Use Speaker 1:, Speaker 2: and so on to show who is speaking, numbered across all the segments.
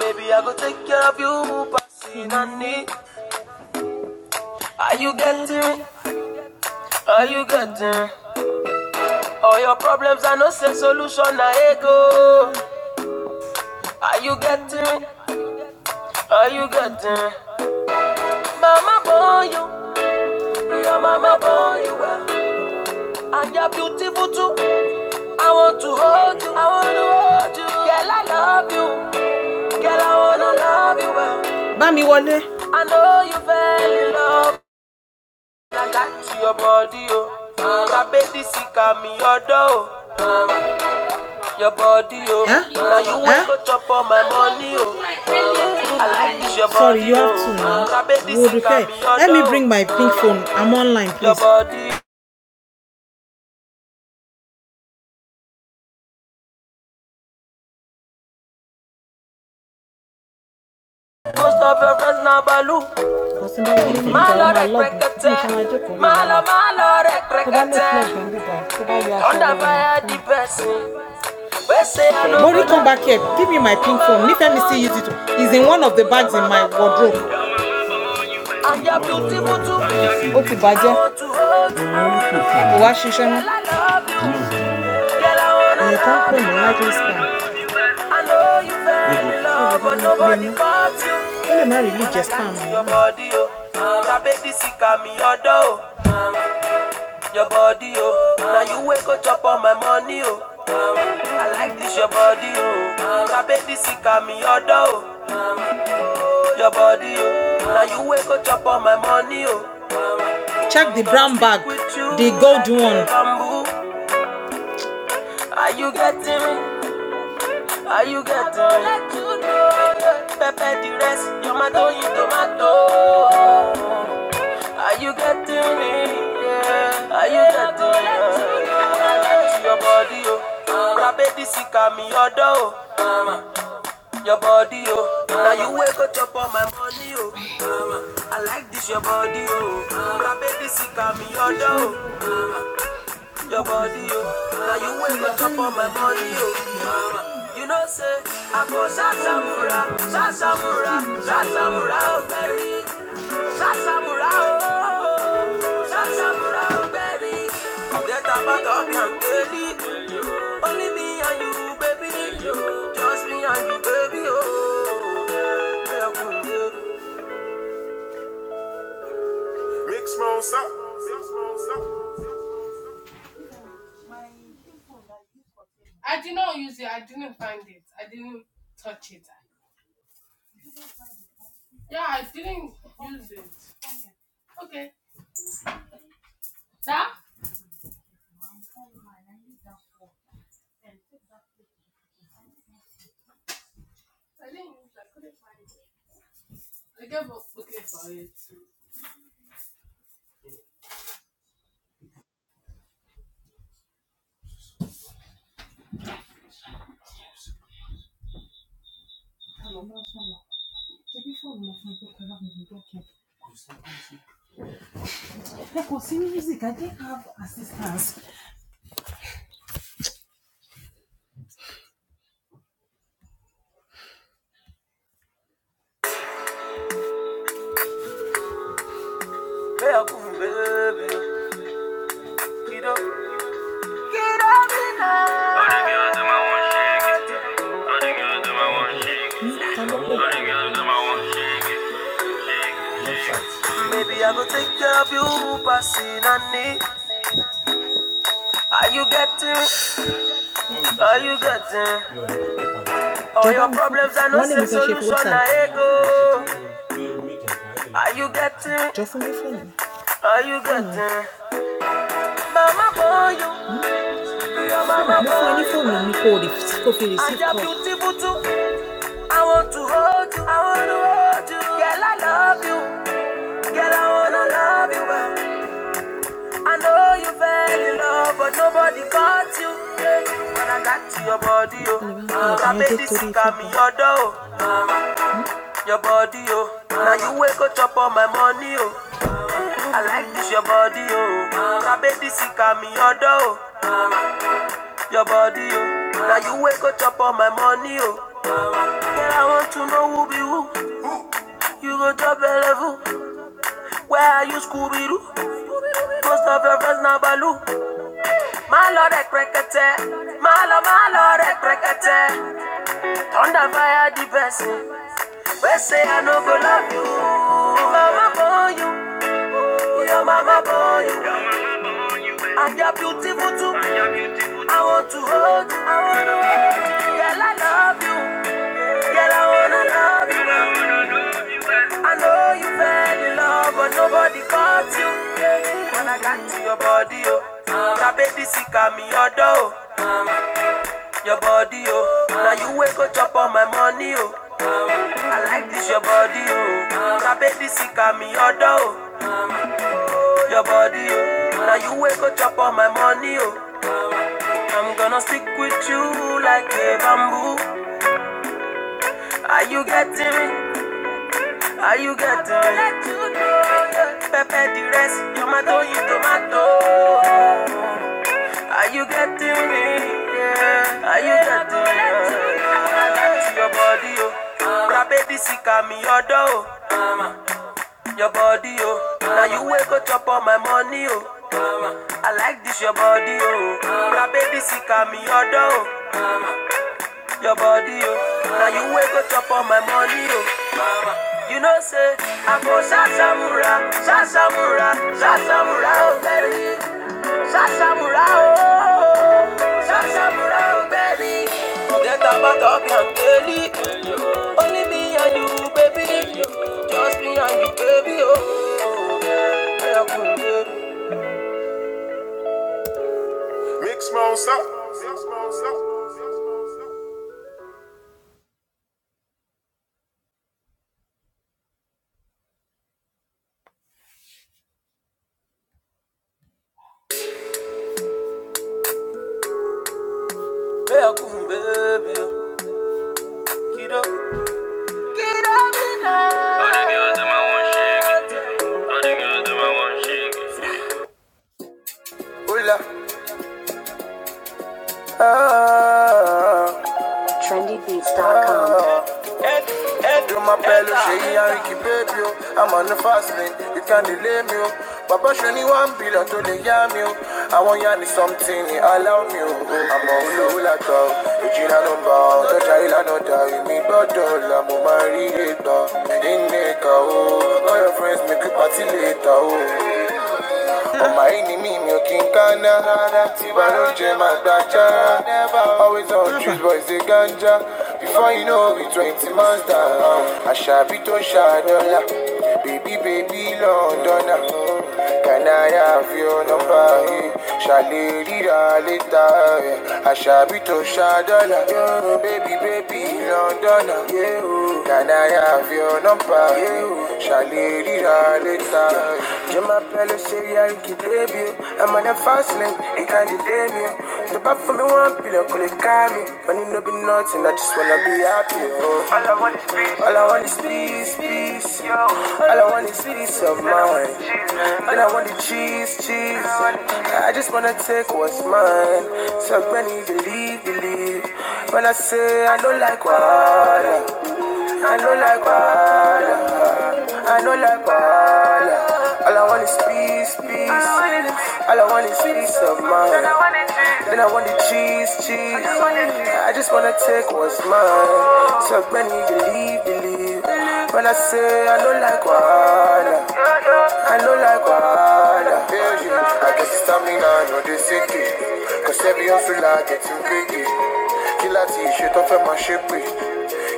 Speaker 1: Baby, I go take care of you, passing on need. Are you getting? Are you getting? All your problems are no same solution, I ego. Are you getting? Are you getting? Mama born you, your mama born you well. And you're beautiful too. I want to hold you, I want to hold you. Girl, I love you. Girl, I wanna love you well. Bami Wale. I know you fell in love. to your body, oh. I bet this sick of me, your door. oh. Your body, oh. Huh? Now you Huh? want to chop all my money, oh. I like this your body. Sorry, you have to oh. now. I Let me bring my pink phone. I'm online, Your please. Your body. Most of your friends now baloo. Because in that video, Má lọ I'm i I'm alone. Má lọ, fire the person. Mori, come back here. Give me my pink phone. Nífẹ̀ẹ́ mi still use it. It's in one of the bags in my wardrobe. Ó ti bàjẹ́. Kò wá ṣiṣẹ́ mọ́. Èyí kan pè mí lájọ́ this Ó lè má rí lè jẹ́ spam your body, oh. Now you wake up, chop on my money, oh. I like this your body, oh. I bet this sick at me your door, oh. Your body, oh. Now you wake up, chop on my money, oh. Check the brown bag, the gold one. Are you getting me? Are you getting me? Pepe the rest, tomato, you tomato. Are you getting me? Yeah. Are you getting me? Yeah. Your body, oh. My baby sick of me, your door, oh. Your body, oh. Now you wake up chop on my money, oh. I like this, your body, oh. My baby sick of me, your door, oh your body, yo. Now you will make up on my money, yo. You know, say, I go Shasamura, Shasamura, Shasamura, oh, baby. Shasamura, oh, Shasamura, oh, baby. Get a back up and daily. Only me and you, baby. Just me and you, baby, oh. Hey, I couldn't, baby. Mix my own stuff. Hey, I could baby. Get up. Get Baby, I go take care of you, passing on me. Are you getting? Are you getting? All your problems are no Wọ́n solution. I go. Are you getting? Are you getting? Mama boy, you, your mama Mo fún boy, you. fóònù mi you're call. beautiful too. I want to hold you. I want to hold you. Girl, I love you. Girl, I wanna love you. well. I know you fell in love, but nobody caught you. eh. When I got to your body, oh, uh, I made this sick of me, your door, uh, your body, oh. Now you wake up, chop all my money, oh. I like this, your body, oh. Uh, I made this sick of me, your door, uh, your body, oh. Now you wake up, chop all my money, oh. Girl, I want to know who be who. You go top a level. Where are you, Scooby-Doo? Most of your friends now, Baloo. Má lọ rẹ̀ pẹ̀kẹ̀tẹ̀, má lọ má lọ rẹ̀ pẹ̀kẹ̀tẹ̀. Thunder fire the person wey say I no go love you. Mama born you, your mama boy, you. And you're beautiful too. I want to hold you, I wanna hold you. Girl, I love you. Girl, I wanna love you. well. I know you fell in love, but nobody caught you. When I got to your body, oh, my baby sick of me, oh, your body, oh. Now you wake up, chop on my money, oh. I like this your body, oh. Now baby, sick at me, order, oh. Your body, oh. Now you wake up, chop on my money, oh. I'm gonna stick with you like a bamboo. Are you getting me? Are you getting me? Let you know, yeah. Pepe the rest, tomato, you tomato. Are you getting me? Yeah. Are you getting me? Yeah. Your body, oh. Now, baby, sick of me, your door. Your body, oh. Now, you wake up chop on my money, oh. I like this, your body, oh. Now, baby, sick of me, your door your body, yo. Now you wake up top of my money, yo. Mama. You know, say, I go Sasamura, Sasamura, Sasamura, oh, baby. Sasamura, oh, Sasamura, oh, baby. Forget about talk your belly. Only me and you, baby. Just me and you, baby, oh. Hey, I could baby. Mix monster. Mix monster. Hey, I baby. Kiddo. Oula, ah, ah. Do my belly, Shay and Ricky baby, oh. I'm on the fast lane, you can't delay me. oh. Papa show me one bill until they yam you. I want you need something, he allow me. oh. I'm on the hula cow, the Gina no bow, the Jaila no die, me bottle, I'm on my reader. In the cow, all your friends make a party later. Oh. Ọmọ yìí ni mí mi ò kí n kánná. Tí Always on juice boys they ganja. Before you know we twenty months down. Àṣàbí tó ń baby, Bèbí bèbí Lọ́ndọ̀nà. Kànáyà fi ọ̀nà báyìí. Ṣàlè ríra létà. Ashabi to Shadala, baby, baby, Londona, can I have your number? Shalili Ralita, Jama Pelo Syria, you debut. I'm on a fast lane, it can't debut. you. The back for me one pillow, call it Kami, but it no be nothing, I just wanna be happy. All I want is peace, peace, yo. All I want is peace of mind. All I want the cheese, cheese. I just wanna take what's mine. So many believe, believe. When I say I don't like water, I don't like water, I don't like water. All I want is peace, peace. All I want is peace of mind. Then I want the cheese, cheese. I just wanna take what's mine. So many believe, believe. When I say I don't like wahala, I know like water. I guess it's time I know they sick it. Cause every hustle I get in biggie Kí láti ṣe tó fẹ́ máa ṣe pé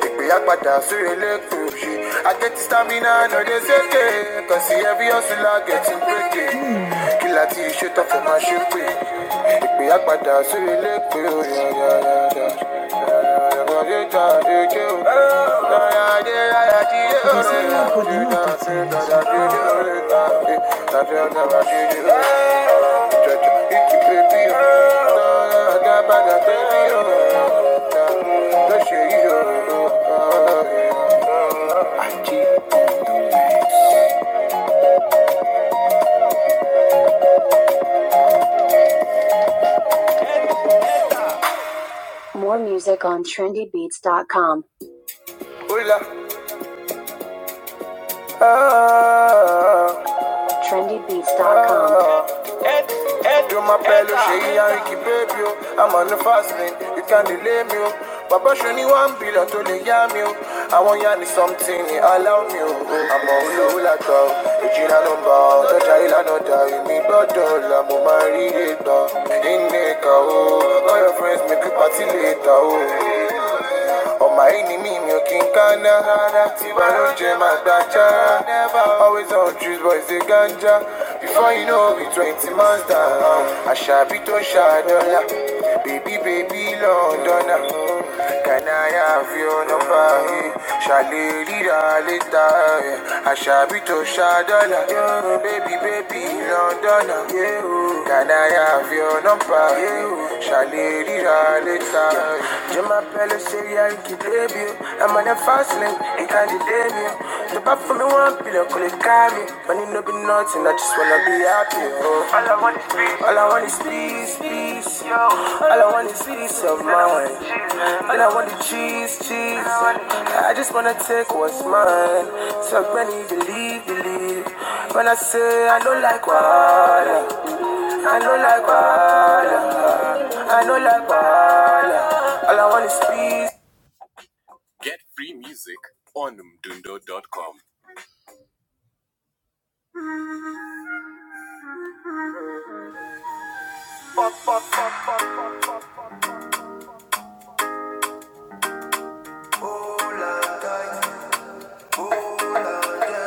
Speaker 1: Ìpè àpàdà sórí lẹ́kọ̀ọ́ ṣe I get the stamina no dey seke Cause every hustle I get too big. Kill a T-shirt off ṣe tó fẹ́ máa ṣe pé Ìpè àpàdà sórí lẹ́kọ̀ọ́ more music on trendybeats.com. Hula, ah, com. trendy beats dot com You're my bello, Shay and Ricky baby, oh. I'm on the fast lane, you can't delay me. Oh. Baba show me one billion to the yam you. I want you something, you allow me. Oh. I'm on the hula cow, it's in a number, the jail no die, me bottle, I'm on my reader. In Nika, oh, all your friends make you party later, oh. Ọmọ ẹni mi mi can kí n kánná. Tiwa ló jẹ máa gbàjá. Always on trees boys they ganja. Before you know we twenty months down. Àṣàbí tó ń ṣàdọ́là. baby, bèbí Lọ́ndọ̀nà. Can I have your number? Ṣàlè rírà létà. Ashabi to Shadala, yeah. baby, baby, Londona. yeah. Can I have your number? Shalady later. Jemma Pelle say I can debut. I'm on a fast lane, it can't debut. The back for me one pillow, call it carry. Money no be nothing, I just wanna be happy. Oh. All I want is peace, peace, yo. All I want is peace of mind. All I want is cheese, cheese. I just wanna take what's mine. So many believe, believe. When I say I don't like water. I don't like water. I don't like water. All I want is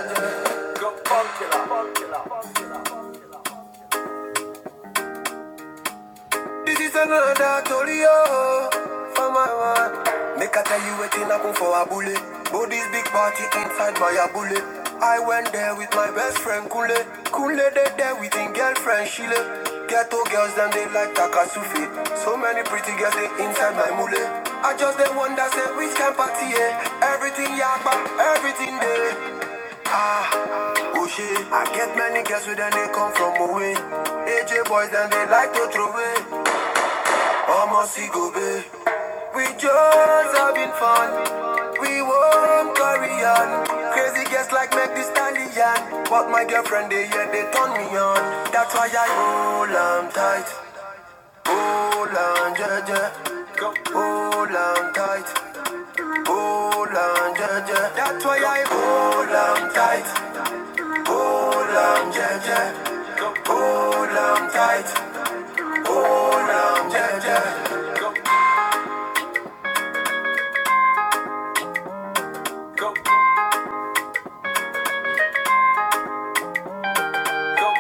Speaker 1: peace. This is another story, oh, for my man. Make I tell you waiting I come for a bullet. But this big party inside my a bullet. I went there with my best friend Kule. Kule they there with his girlfriend Shile. Ghetto girls them they like Takasufi. So many pretty girls they inside my mule. I just they wonder say which can party eh? Everything yakba, everything there. Oh shit, I get many girls with them they come from away. AJ boys them they like to throw away. Almost go babe. We just having fun. We won't carry on. Crazy guests like make this stallion. But my girlfriend, they yeah, they turn me on. That's why I hold on tight. Hold on, yeah, yeah. Hold on tight. Hold on, yeah, yeah. That's why I hold on tight. Hold on, yeah, yeah. Hold on tight. Hold on, yeah, yeah. Go, go, go.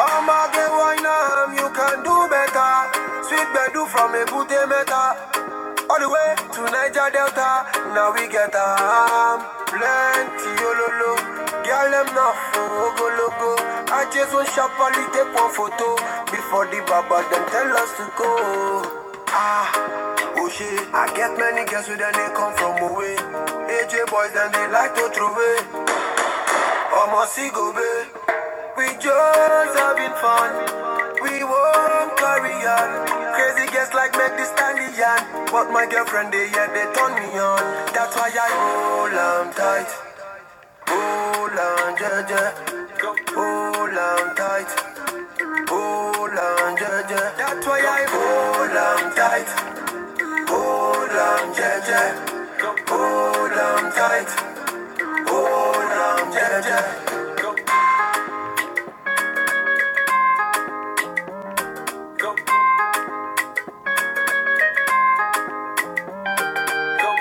Speaker 1: Oh my girl, why not? You can do better. Sweet bedu from a booty meta. All the way to Niger Delta. Now we get a um, plenty ololo. Girl, them now for go logo. I just want sharply take one photo before the baba them tell us to go. Ah, oh shit, I get many girls with them, they come from away. AJ boys, then they like to throw away. Omo Sigobe, we just having fun. We won't carry on. Crazy guests like make this stallion. But my girlfriend, they yeah, they turn me on. That's why I hold on tight. Hold on, Jaja. Hold on tight. Hold on, Jaja. That's why I hold on tight. Hold on, Jaja. Hold on tight. Hold on, Jaja. Promise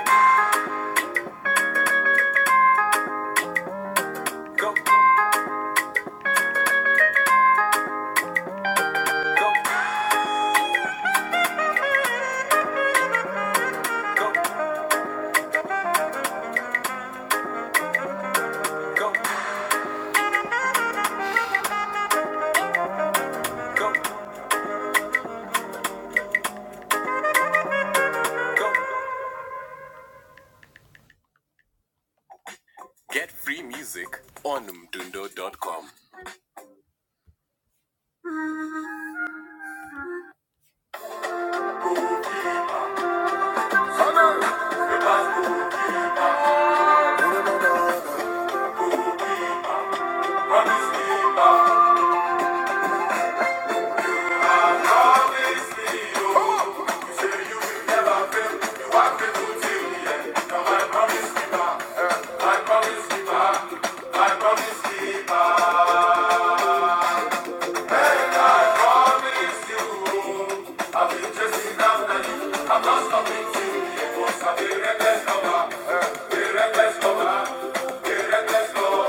Speaker 1: keeper, my promise keeper. Promise you, I've been chasing after I'm not stopping till you must have a reckless lover, a reckless lover, a reckless lover.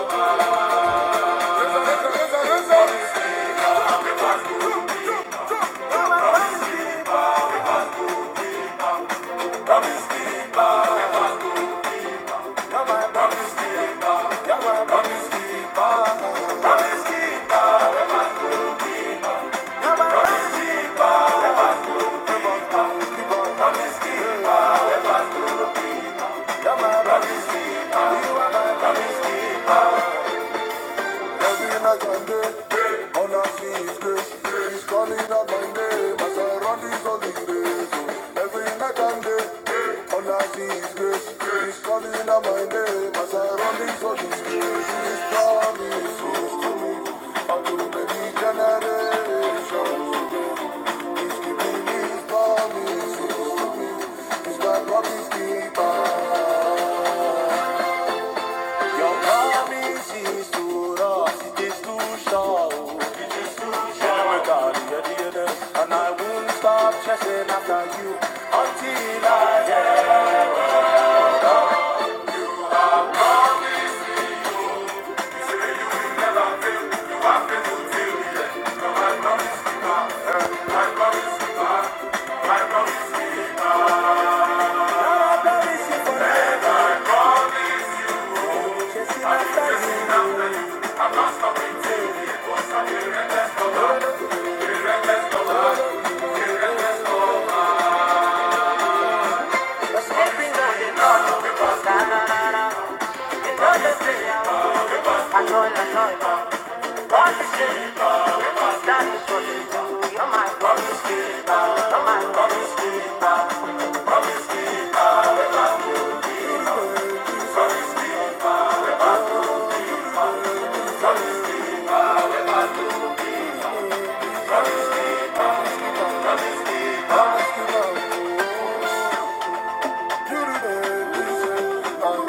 Speaker 1: Every night and day. All I see is grace. He's calling out my name. My surroundings all in grace. oh. Every night and day. All I see is grace. He's calling out my name. My surroundings all in grace. His promise is good. All to me. Unto many generations. He's keeping his promises to me. He's my promise keeper. Your name seems to us, it is too short. It is too short. We got and I won't stop chasing after you until I am. you know you because na na You know you see you know it. What you see, because that is you are my promise, you're my promise. You do the, you oh,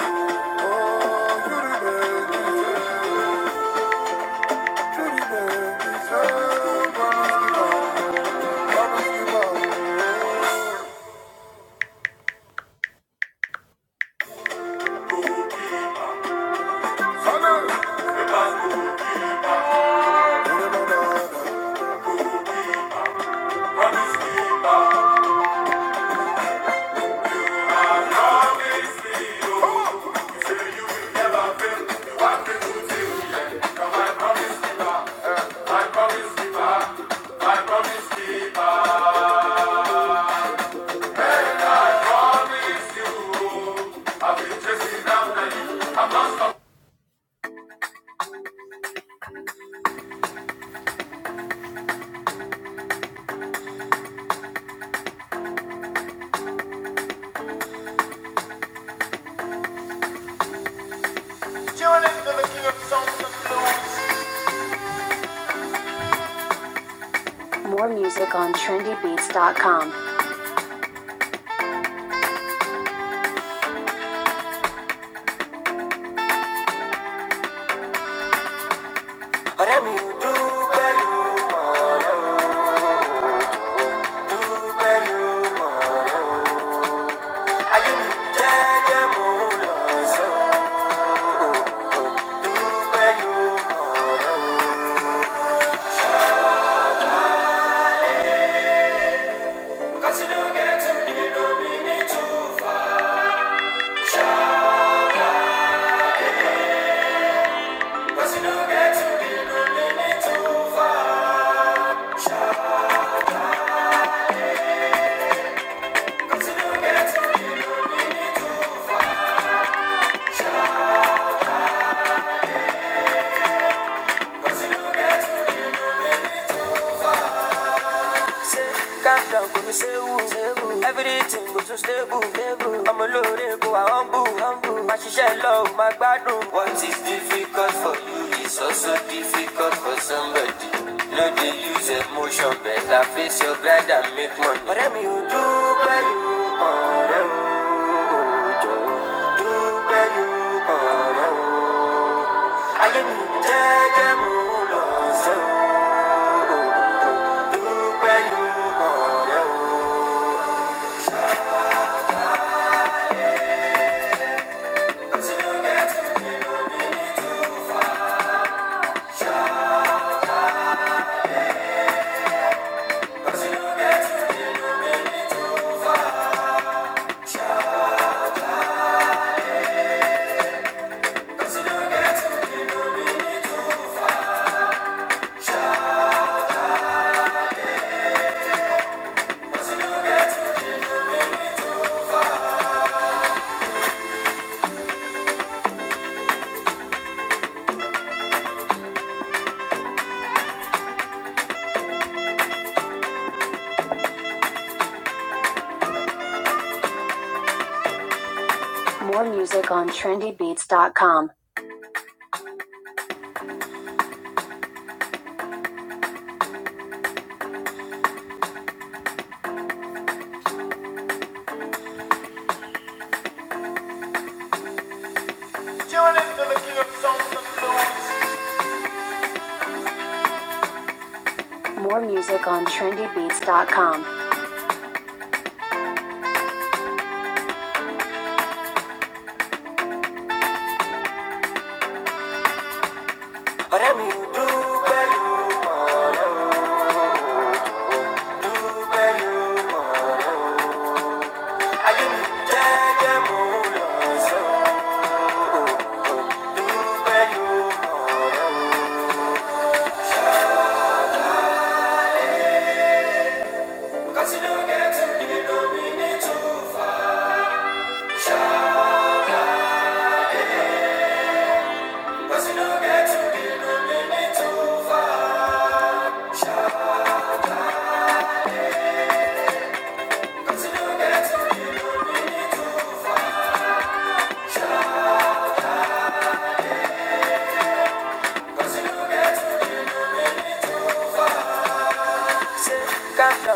Speaker 1: More music on trendybeats.com. Whatever you do, whatever I give you oh, so. Cause you get get to to no no you. Cause you don't get to be no minute too far. Calm down, go me stable. Everything go so stable. I'm a loaded, go I humble. My shisha love, my gbadun. What is difficult for you is also difficult for somebody. No, they use emotion, better face your grind and make money. Ọ̀rẹ́ mi ò dúpẹ́ yìí, ọ̀rẹ́ ò jọ̀ọ́. Dúpẹ́ yìí, ọ̀rẹ́ ò more music on trendybeats.com. More music on trendybeats.com. Countdown,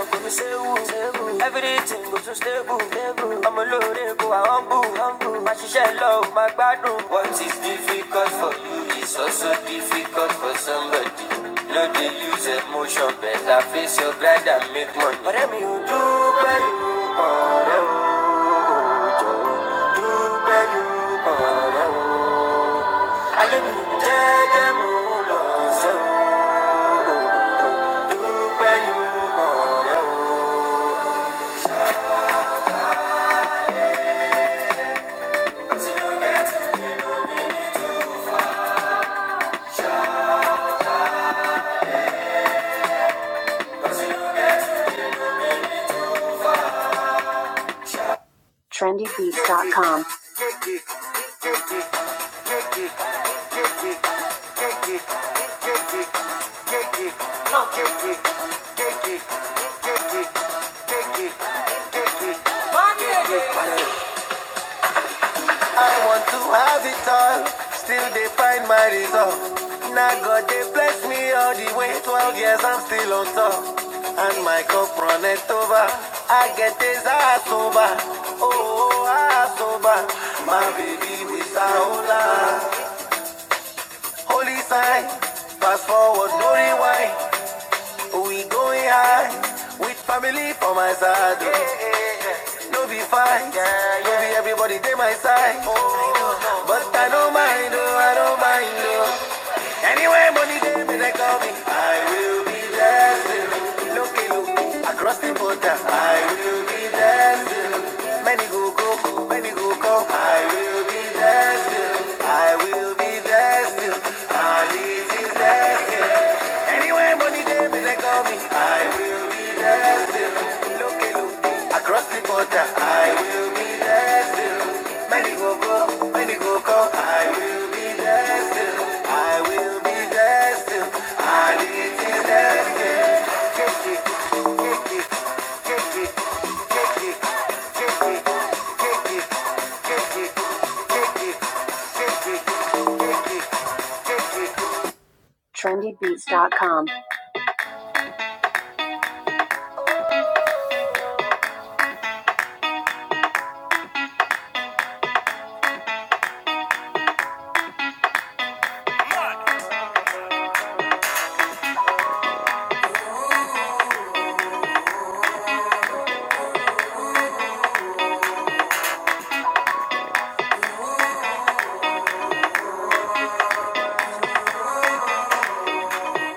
Speaker 1: go me stable, stable. Everything goes so stable, stable. I'm a loaded, go I humble, humble. My shisha love, my gbadun. What we got for you, so good. No, no, better face your grind and make money. But let me do pẹ̀lú ọ̀rẹ́ o, jọ do pẹ̀lú ọ̀rẹ́ o. Ayé mi jẹ́jẹ́ mo do pẹ̀lú trendybeats.com. I want to have it all, still they find my resolve. Now God they bless me all the way, 12 years I'm still on top. And my cup runneth over, I get this I sober, oh I sober. My baby Miss Aola, holy sign, fast forward no rewind. We going high with family for my side. Yeah, yeah, oh. No be fine, yeah, yeah. no be everybody they my side. Oh, I know. But I don't mind, oh, I don't mind. Oh. Anyway, money day when they call me, I will be dancing. Look, look, across the border, I will be dancing. Many go go, many go go. I will be dancing. I will be dancing. I will be dancing. Anywhere money day, they call me. I will be there still. Look at look. Across the border, I will be there still. Many go go, many go go. I will be there still. I will be there still. I need to there. Take it, take it, take it, take it, take it, take it, take it, take it, take it, Trendybeats.com.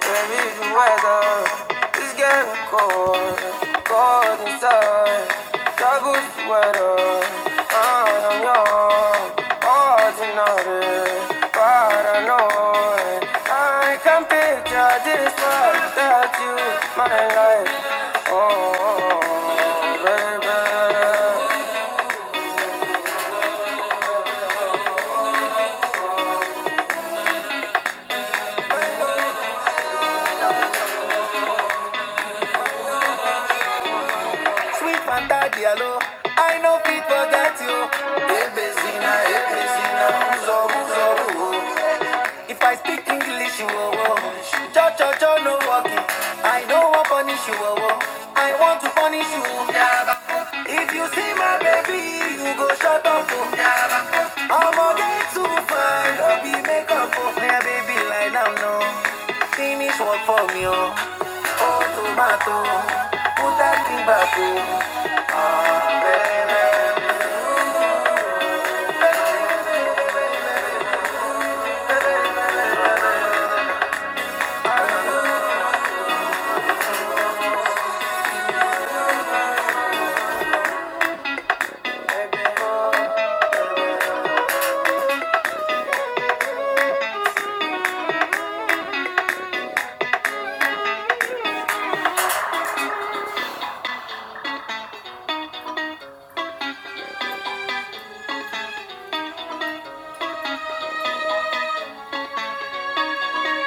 Speaker 1: Maybe it's the weather is getting cold, cold inside. Double weather. I'm young, ordinary, paranoid. I can picture this world without you, my life. Oh, baby. Sweet Fanta Diallo, I know fit forget you. Ebezina, ebezina, uzo, uzo, uzo. If I speak English, you will woe. Cha cha cha, no walking. I don't want punish you, oh, oh. I want to punish you. If you see my baby, you go shut up. Oh. I'm a get too fine. I'll be make up for me, baby. Like now, no. Finish work for me, oh. Oh, tomato. Put that thing back, oh. Ah, baby.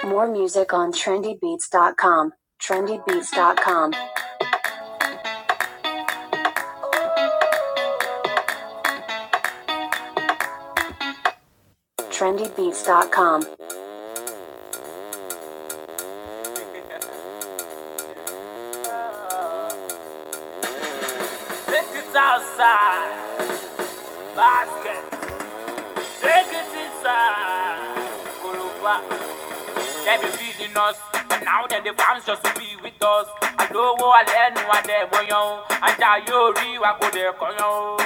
Speaker 1: More music on trendybeats.com. Trendybeats.com. Trendybeats.com. Take it outside, basket. Take it inside. Kuluba, Every be feeding us. And now that the fans just to be with us. I know what I learn, what they boy on. And I yori, what could they call on?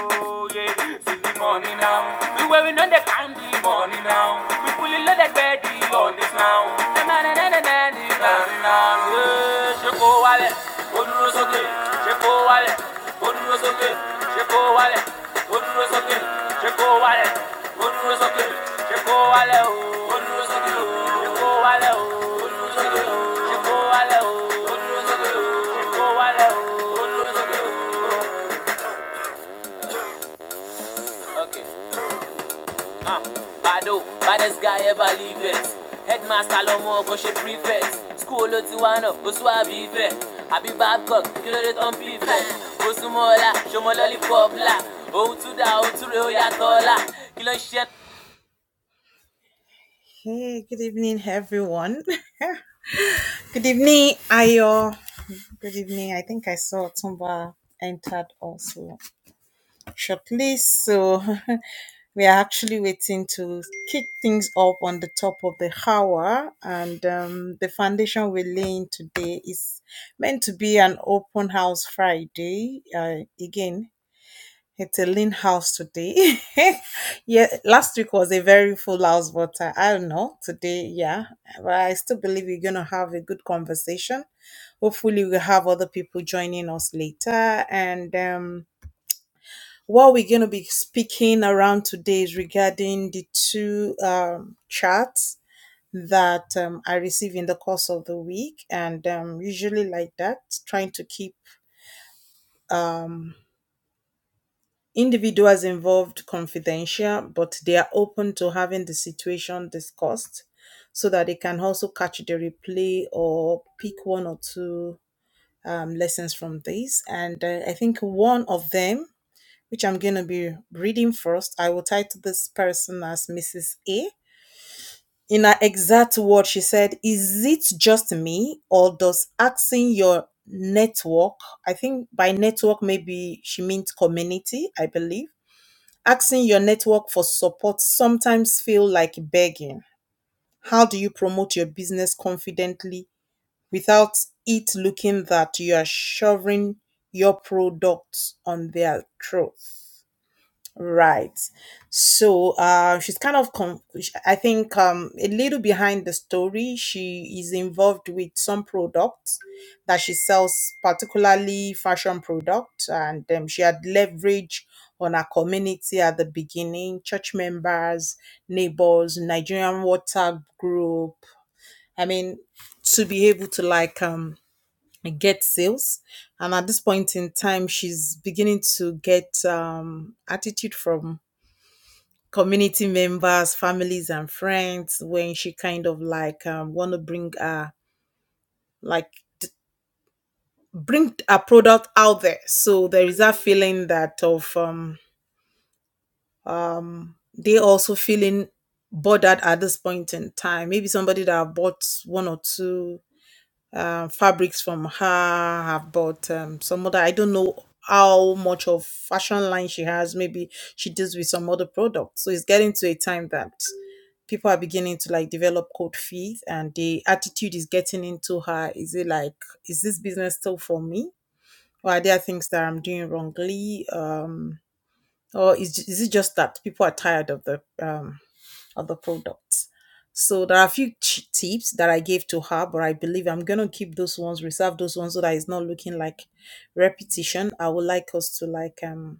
Speaker 1: Yeah, see the money now. We wearing on the candy money now. We pulling on the ready on this now. Na na na na na na na na. Yeah, shake your wallet, go to the socket. Shake Chekovale, Munro Sokin, Chekovale, Munro Sokin, Chekovale, Munro Sokin, Chekovale, Munro Sokin, Chekovale, Munro Sokin, Chekovale, Munro Sokin, Okay. Ah, Bado, baddest guy ever leave it. Headmaster lọ́mọ ọkọ ṣe prefect. School ló ti wá náà, kò Babcock, kí ló dé tán bí ìfẹ́? Kò lollipop là. Ohun tún dá, ohun tún rè ó yàtọ̀ ọ̀la. Kí ló Hey, good evening, everyone. good evening, Ayo. Good evening. I think I saw Tumba entered also. shortly. So we are actually waiting to kick things up on the top of the hour. And um, the foundation we're laying today is meant to be an open house Friday. Uh, again, it's a lean house today. yeah, last week was a very full house, but uh, I don't know. Today, yeah. But I still believe we're going to have a good conversation hopefully we'll have other people joining us later and um what we're going to be speaking around today is regarding the two um, charts that um, I receive in the course of the week, and um, usually like that, trying to keep individuals involved confidential, but they are open to having the situation discussed so that they can also catch the replay or pick one or two um, lessons from this. And uh, I think one of them which I'm going to be reading first. I will title this person as Mrs. A. In her exact word, she said, Is it just me, or does asking your network, I think by network, maybe she means community, I believe, asking your network for support sometimes feel like begging? How do you promote your business confidently without it looking that you are shoving your products on their throats?" Right. So uh, she's kind of, con- I think, um, a little behind the story. She is involved with some products that she sells, particularly fashion products. And um, she had leverage on her community at the beginning church members, neighbors, Nigerian WhatsApp group. I mean, to be able to like um, get sales. And at this point in time, she's beginning to get um, attitude from community members, families, and friends when she kind of like um, want to bring her like t- bring a product out there. So there is that feeling that of um, they also feeling bothered at this point in time. Maybe somebody that have bought one or two uh, fabrics from her have bought um, some other. I don't know how much of fashion line she has. Maybe she deals with some other products. So it's getting to a time that people are beginning to like develop cold feet and the attitude is getting into her is it like is this business still for me or are there things that i'm doing wrongly um or is, is it just that people are tired of the um of the products so there are a few ch- tips that i gave to her but i believe i'm gonna keep those ones reserve those ones so that it's not looking like repetition i would like us to like um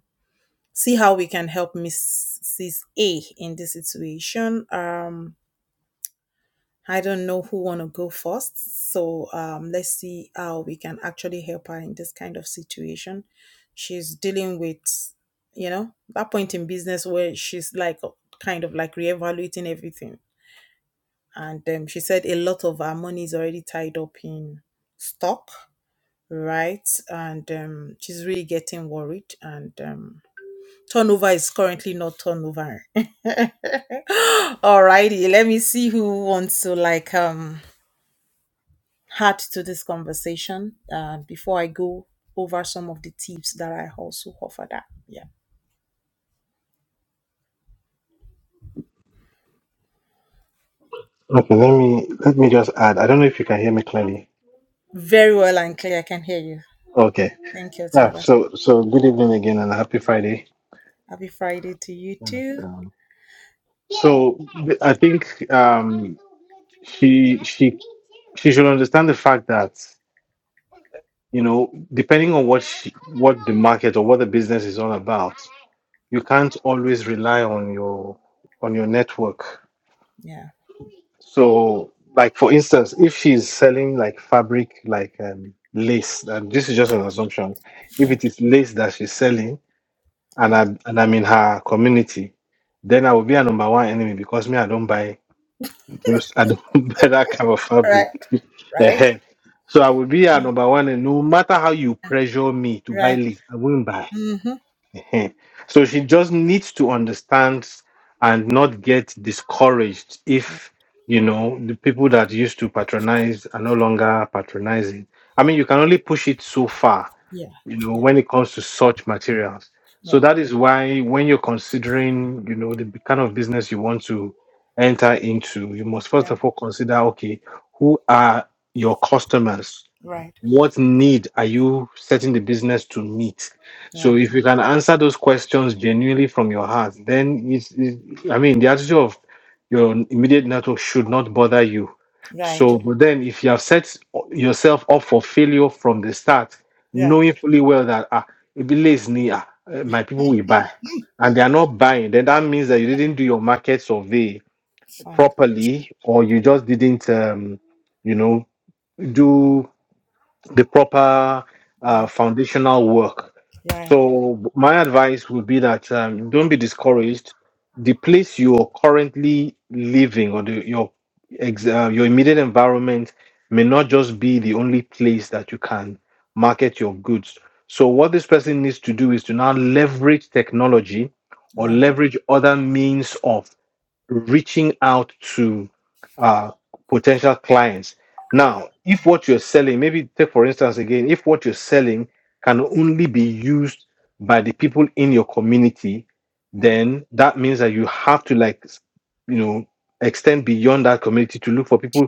Speaker 1: see how we can help mrs a in this situation um I don't know who want to go first. So um, let's see how we can actually help her in this kind of situation. She's dealing with, you know, that point in business where she's like kind of like reevaluating everything. And um, she said a lot of her money is already tied up in stock, right? And um, she's really getting worried. And um, turnover is currently not turnover. Alrighty, let me see who wants to like um add to this conversation uh, before I go over some of the tips that I also offer that. Yeah.
Speaker 2: Okay, let me let me just add. I don't know if you can hear me clearly.
Speaker 1: Very well and clear. I can hear you.
Speaker 2: Okay.
Speaker 1: Thank you,
Speaker 2: Yeah.
Speaker 1: Tunga.
Speaker 2: So so good evening again and happy Friday.
Speaker 1: Happy Friday to you
Speaker 2: And,
Speaker 1: too.
Speaker 2: um, So th- I think um, she she she should understand the fact that you know depending on what she, what the market or what the business is all about, you can't always rely on your on your network
Speaker 1: Yeah.
Speaker 2: So, like for instance, if she's selling like fabric, like um, lace, and this is just an assumption. If it
Speaker 1: Right.
Speaker 2: is lace that she's selling, and
Speaker 1: Right.
Speaker 2: I'm and I'm in her community, then I will be a number one enemy because me I don't buy those I don't buy that kind of
Speaker 1: Right.
Speaker 2: fabric.
Speaker 1: Right.
Speaker 2: Ehe. so I will be a number one, and no matter how you pressure me to buy
Speaker 1: Right.
Speaker 2: lace, I won't buy.
Speaker 1: Mm-hmm.
Speaker 2: Heh. So she just needs to understand and not get discouraged if, you know, the people that used to patronize are no longer patronizing. I mean, you can only push it so far,
Speaker 1: Yeah.
Speaker 2: you know,
Speaker 1: Yeah.
Speaker 2: when it comes to such materials.
Speaker 1: Right.
Speaker 2: So that is why when you're considering, you know, the b- kind of business you want to enter into, you must first
Speaker 1: Right.
Speaker 2: of all consider, okay, who are your customers?
Speaker 1: Right.
Speaker 2: what need are you setting the business to meet so
Speaker 1: Right.
Speaker 2: if you can answer those questions genuinely from your heart then it's, it's i mean the attitude of your immediate network should not bother you
Speaker 1: Right.
Speaker 2: so but then if you have set yourself up for failure from the start
Speaker 1: Yeah.
Speaker 2: knowing fully well that ah, Ebile is near my people will
Speaker 1: Mm-hmm.
Speaker 2: buy and they are not buying then that means that you didn't do your market survey
Speaker 1: Fine.
Speaker 2: properly or you just didn't um, you know do the proper uh,
Speaker 1: Yeah.
Speaker 2: foundational work.
Speaker 1: Right.
Speaker 2: So my advice would be that um, don't be discouraged. The place you are currently living or the, your ex- uh, your immediate environment may not just be the only place that you can market your goods. So what this person needs to do is to now leverage technology or
Speaker 1: Right.
Speaker 2: leverage other means of reaching out to uh, potential clients. Now, if what you're selling, maybe take for instance again, if what you're selling can only be used by the people in your community,
Speaker 1: Mm.
Speaker 2: then that means that you have to like, s- you know, extend beyond that community to look for people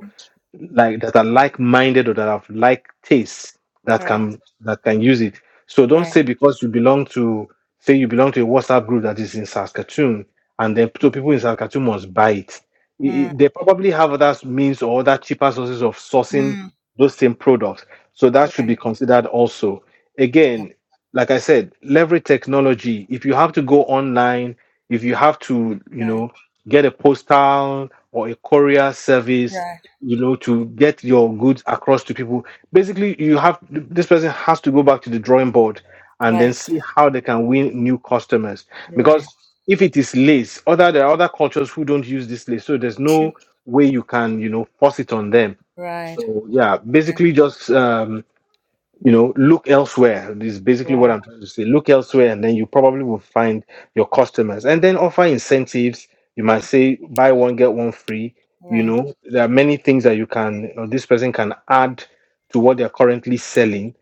Speaker 2: like that are like-minded or that have like tastes that
Speaker 1: Right.
Speaker 2: can that can use it. So don't
Speaker 1: Right.
Speaker 2: say because you belong to say you belong to a WhatsApp group that is in Saskatoon and then so people in Saskatoon must buy it. I- I-
Speaker 1: Mm.
Speaker 2: They probably have other means or other cheaper sources of sourcing
Speaker 1: Mm.
Speaker 2: those same products. So that should
Speaker 1: Right.
Speaker 2: be considered also.
Speaker 1: Yeah.
Speaker 2: Again, like I said, leverage technology. If you have to go online, if you have to, you
Speaker 1: Right.
Speaker 2: know, get a postal or a courier service
Speaker 1: Right.
Speaker 2: you know to get your goods across to people basically you have this person has to go back to the drawing board and then
Speaker 1: Right.
Speaker 2: see how they can win new customers
Speaker 1: Right.
Speaker 2: because if it is lace other there are other cultures who don't use this lace so there's
Speaker 1: True.
Speaker 2: no way you can you know force it on them
Speaker 1: Right.
Speaker 2: so yeah
Speaker 1: Right.
Speaker 2: basically just um, you know look elsewhere is basically what
Speaker 1: Right.
Speaker 2: i'm trying to say look elsewhere and then you probably will find your customers and then offer incentives you might say buy one get one free you
Speaker 1: Right.
Speaker 2: know there are many things that you can or this person can add to what they're currently selling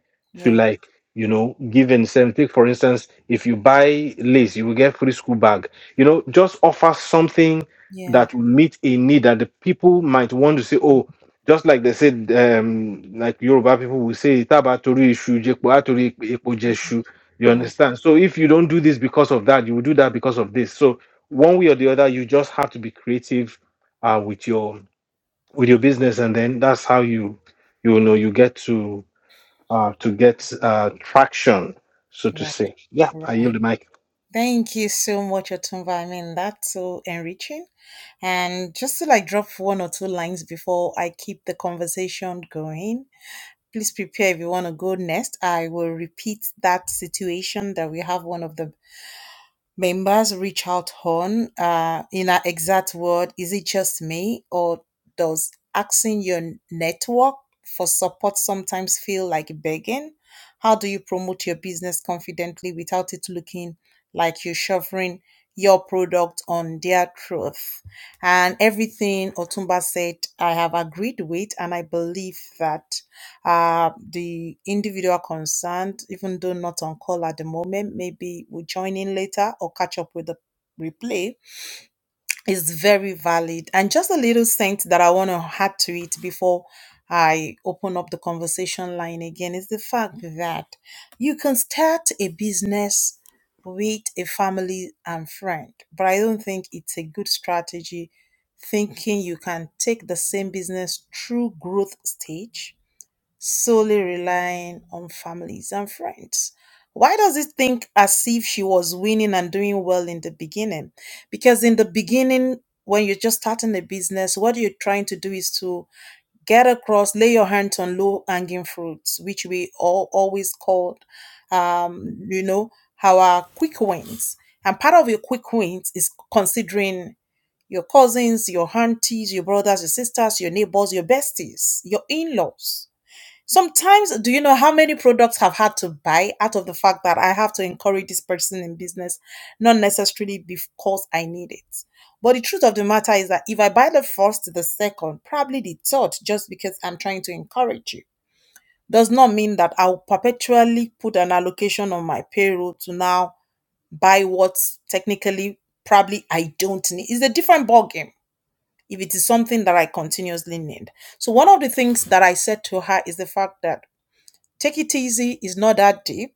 Speaker 2: to
Speaker 1: Yeah.
Speaker 2: like you know give incentive Take, for instance if you buy lace you will get free school bag you know just offer something
Speaker 1: Yeah.
Speaker 2: that will meet a need that the people might want to say oh just like they said, um, like Yoruba people will say, Tabatori Ishu, Jepo Atori Epo Jeshu. You
Speaker 1: Mm,
Speaker 2: understand? So if you don't do this because of that, you will do that because of this. So one way or the other, you just have to be creative uh, with your with your business, and then that's how you you know you get to uh, to get uh, traction, so to
Speaker 1: Right.
Speaker 2: say. Yeah, I
Speaker 1: Right.
Speaker 2: yield the mic.
Speaker 1: Thank you so much, Otunva. I mean, that's so enriching. And just to like drop one or two lines before I keep the conversation going, please prepare if you want to go next. I will repeat that situation that we have one of the Members reach out on, uh, in an exact word, is it just me or does asking your network for support sometimes feel like begging? How do you promote your business confidently without it looking like you shoving your product on their truth. And everything Otumba said, I have agreed with, and I believe that uh, the individual concerned, even though not on call at the moment, maybe we join in later or catch up with the replay is very valid. And just a little thing that I want to add to it before I open up the conversation line again is the fact that you can start a business with a family and friend, but I don't think it's a good strategy thinking you can take the same business through growth stage solely relying on families and friends. Why does it think as if she was winning and doing well in the beginning? Because in the beginning, when you're just starting a business, what you're trying to do is to get across, lay your hands on low hanging fruits, which we all always called, um, you know, our quick wins. And part of your quick wins is considering your cousins, your aunties, your brothers, your sisters, your neighbors, your besties, your in laws Sometimes, do you know how many products I've had to buy out of the fact that I have to encourage this person in business, not necessarily because I need it? But the truth of the matter is that if I buy the first, the second, probably the third, just because I'm trying to encourage you, does not mean that I'll perpetually put an allocation on my payroll to now buy what technically probably I don't need. It's a different ballgame if it is something that I continuously need. So, one of the things that I said to her is the fact that take it easy is not that deep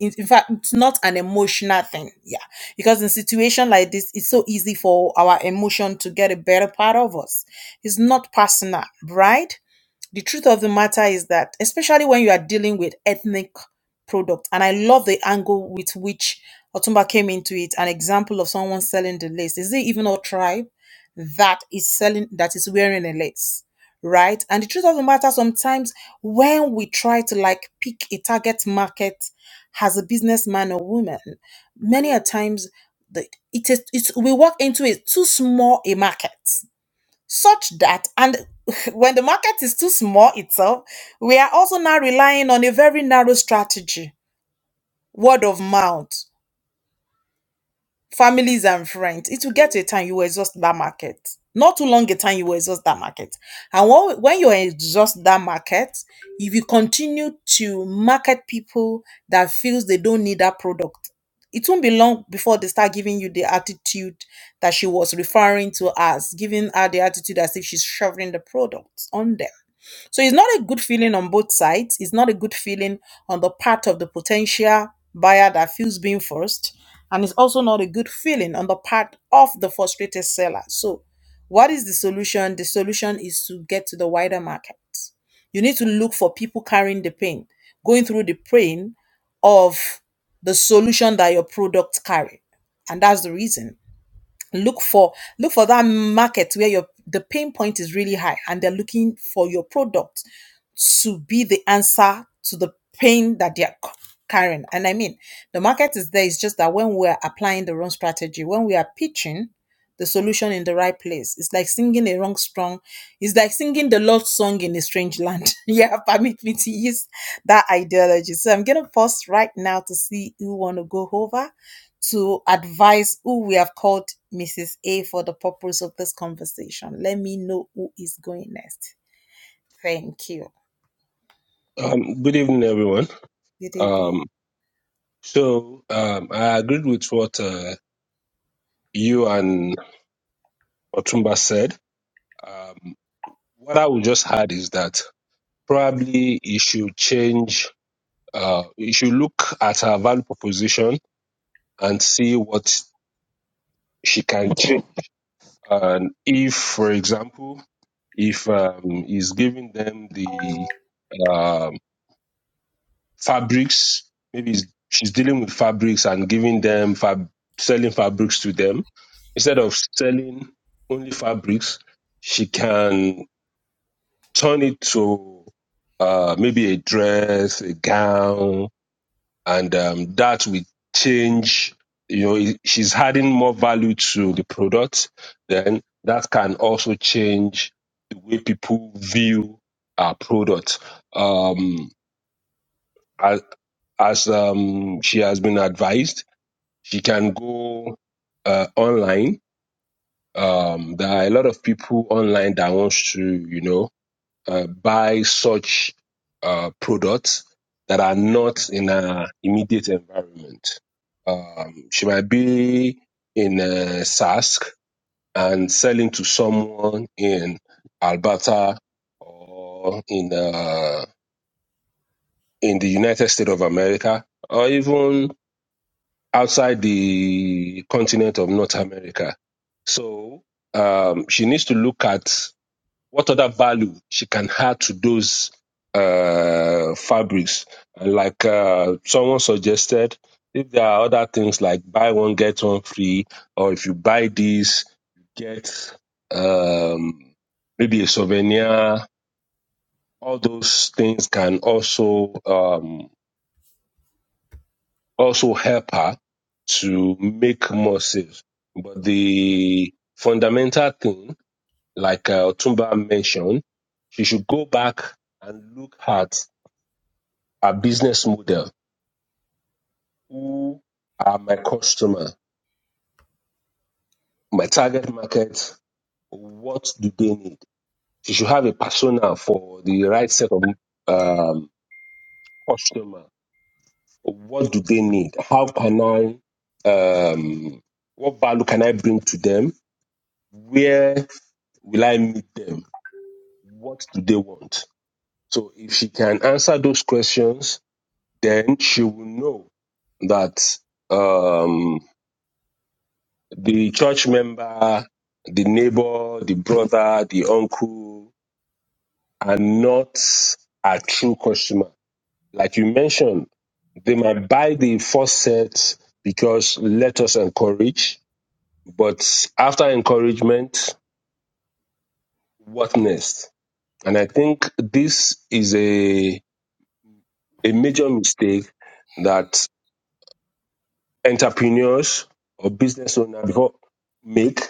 Speaker 1: in, in fact it's not an emotional thing yeah because in situation like this it's so easy for our emotion to get a better part of us it's not personal right the truth of the matter is that especially when you are dealing with ethnic product and i love the angle with which otumba came into it an example of someone selling the lace is it even a tribe that is selling that is wearing a lace right and the truth of the matter sometimes when we try to like pick a target market as a businessman or woman many a times the it is it's, we walk into a too small a market such that and when the market is too small itself we are also now relying on a very narrow strategy word of mouth families and friends, it will get to a time you will exhaust that market. Not too long a time you will exhaust that market. And when, when you exhaust that market, if you continue to market people that feels they don't need that product, it won't be long before they start giving you the attitude that she was referring to as giving her the attitude as if she's shoveling the product on them. So it's not a good feeling on both sides. It's not a good feeling on the part of the potential buyer that feels being forced. And it's also not a good feeling on the part of the frustrated seller. So, what is the solution? The solution is to get to the wider market. You need to look for people carrying the pain, going through the pain of the solution that your product carry. And that's the reason look for look for that market where your the pain point is really high and they're looking for your product to be the answer to the pain that they're carrying. And I mean, the market is there. It's just that when we're applying the wrong strategy, when we are pitching the solution in the right place, it's like singing a wrong song. It's like singing the Lord's song in a strange land. yeah, permit me to use that ideology. So I'm going to pause right now to see who want to go over to advise who we have called Mrs. A for the purpose of this conversation. Let me know who is going next. Thank you.
Speaker 3: Um, good evening, everyone.
Speaker 1: Good evening.
Speaker 3: Um, so um, I agreed with what uh, you and Otumba said. Um, what I would just add is that probably you should change, uh, you should look at her value proposition and see what she can change. And if, for example, if um, he's giving them the um, fabrics. Maybe it's- she's dealing with fabrics and giving them fab, selling fabrics to them instead of selling only fabrics. She can turn it to uh, maybe a dress, a gown, and um, that will change. You know, it- she's adding more value to the product. Then that can also change the way people view our product. Um, I, as um, she has been advised, she can go uh, online. Um, there are a lot of people online that wants to, you know, uh, buy such uh, products that are not in her immediate environment. Um, she might be in uh, Sask and selling to someone in Alberta or in uh, in the United States of America or even outside the continent of North America. So um, she needs to look at what other value she can add to those uh, fabrics. And like uh, someone suggested, if there are other things like buy one, get one free, or if you buy this, you get um, maybe a souvenir, all those things can also um, also help her to make more sales. But the fundamental thing, like uh, Tumba mentioned, she should go back and look at her business model. Who are my customer? My target market? What do they need? She should have a persona for the right set of um, customer. What do they need? How can I? Um, what value can I bring to them? Where will I meet them? What do they want? So if she can answer those questions, then she will know that um, the church member, the neighbor, the brother, the uncle are not a true customer. Like you mentioned, they might buy the first set because let us encourage, but after encouragement, what next? And I think this is a a major mistake that entrepreneurs or business owners before make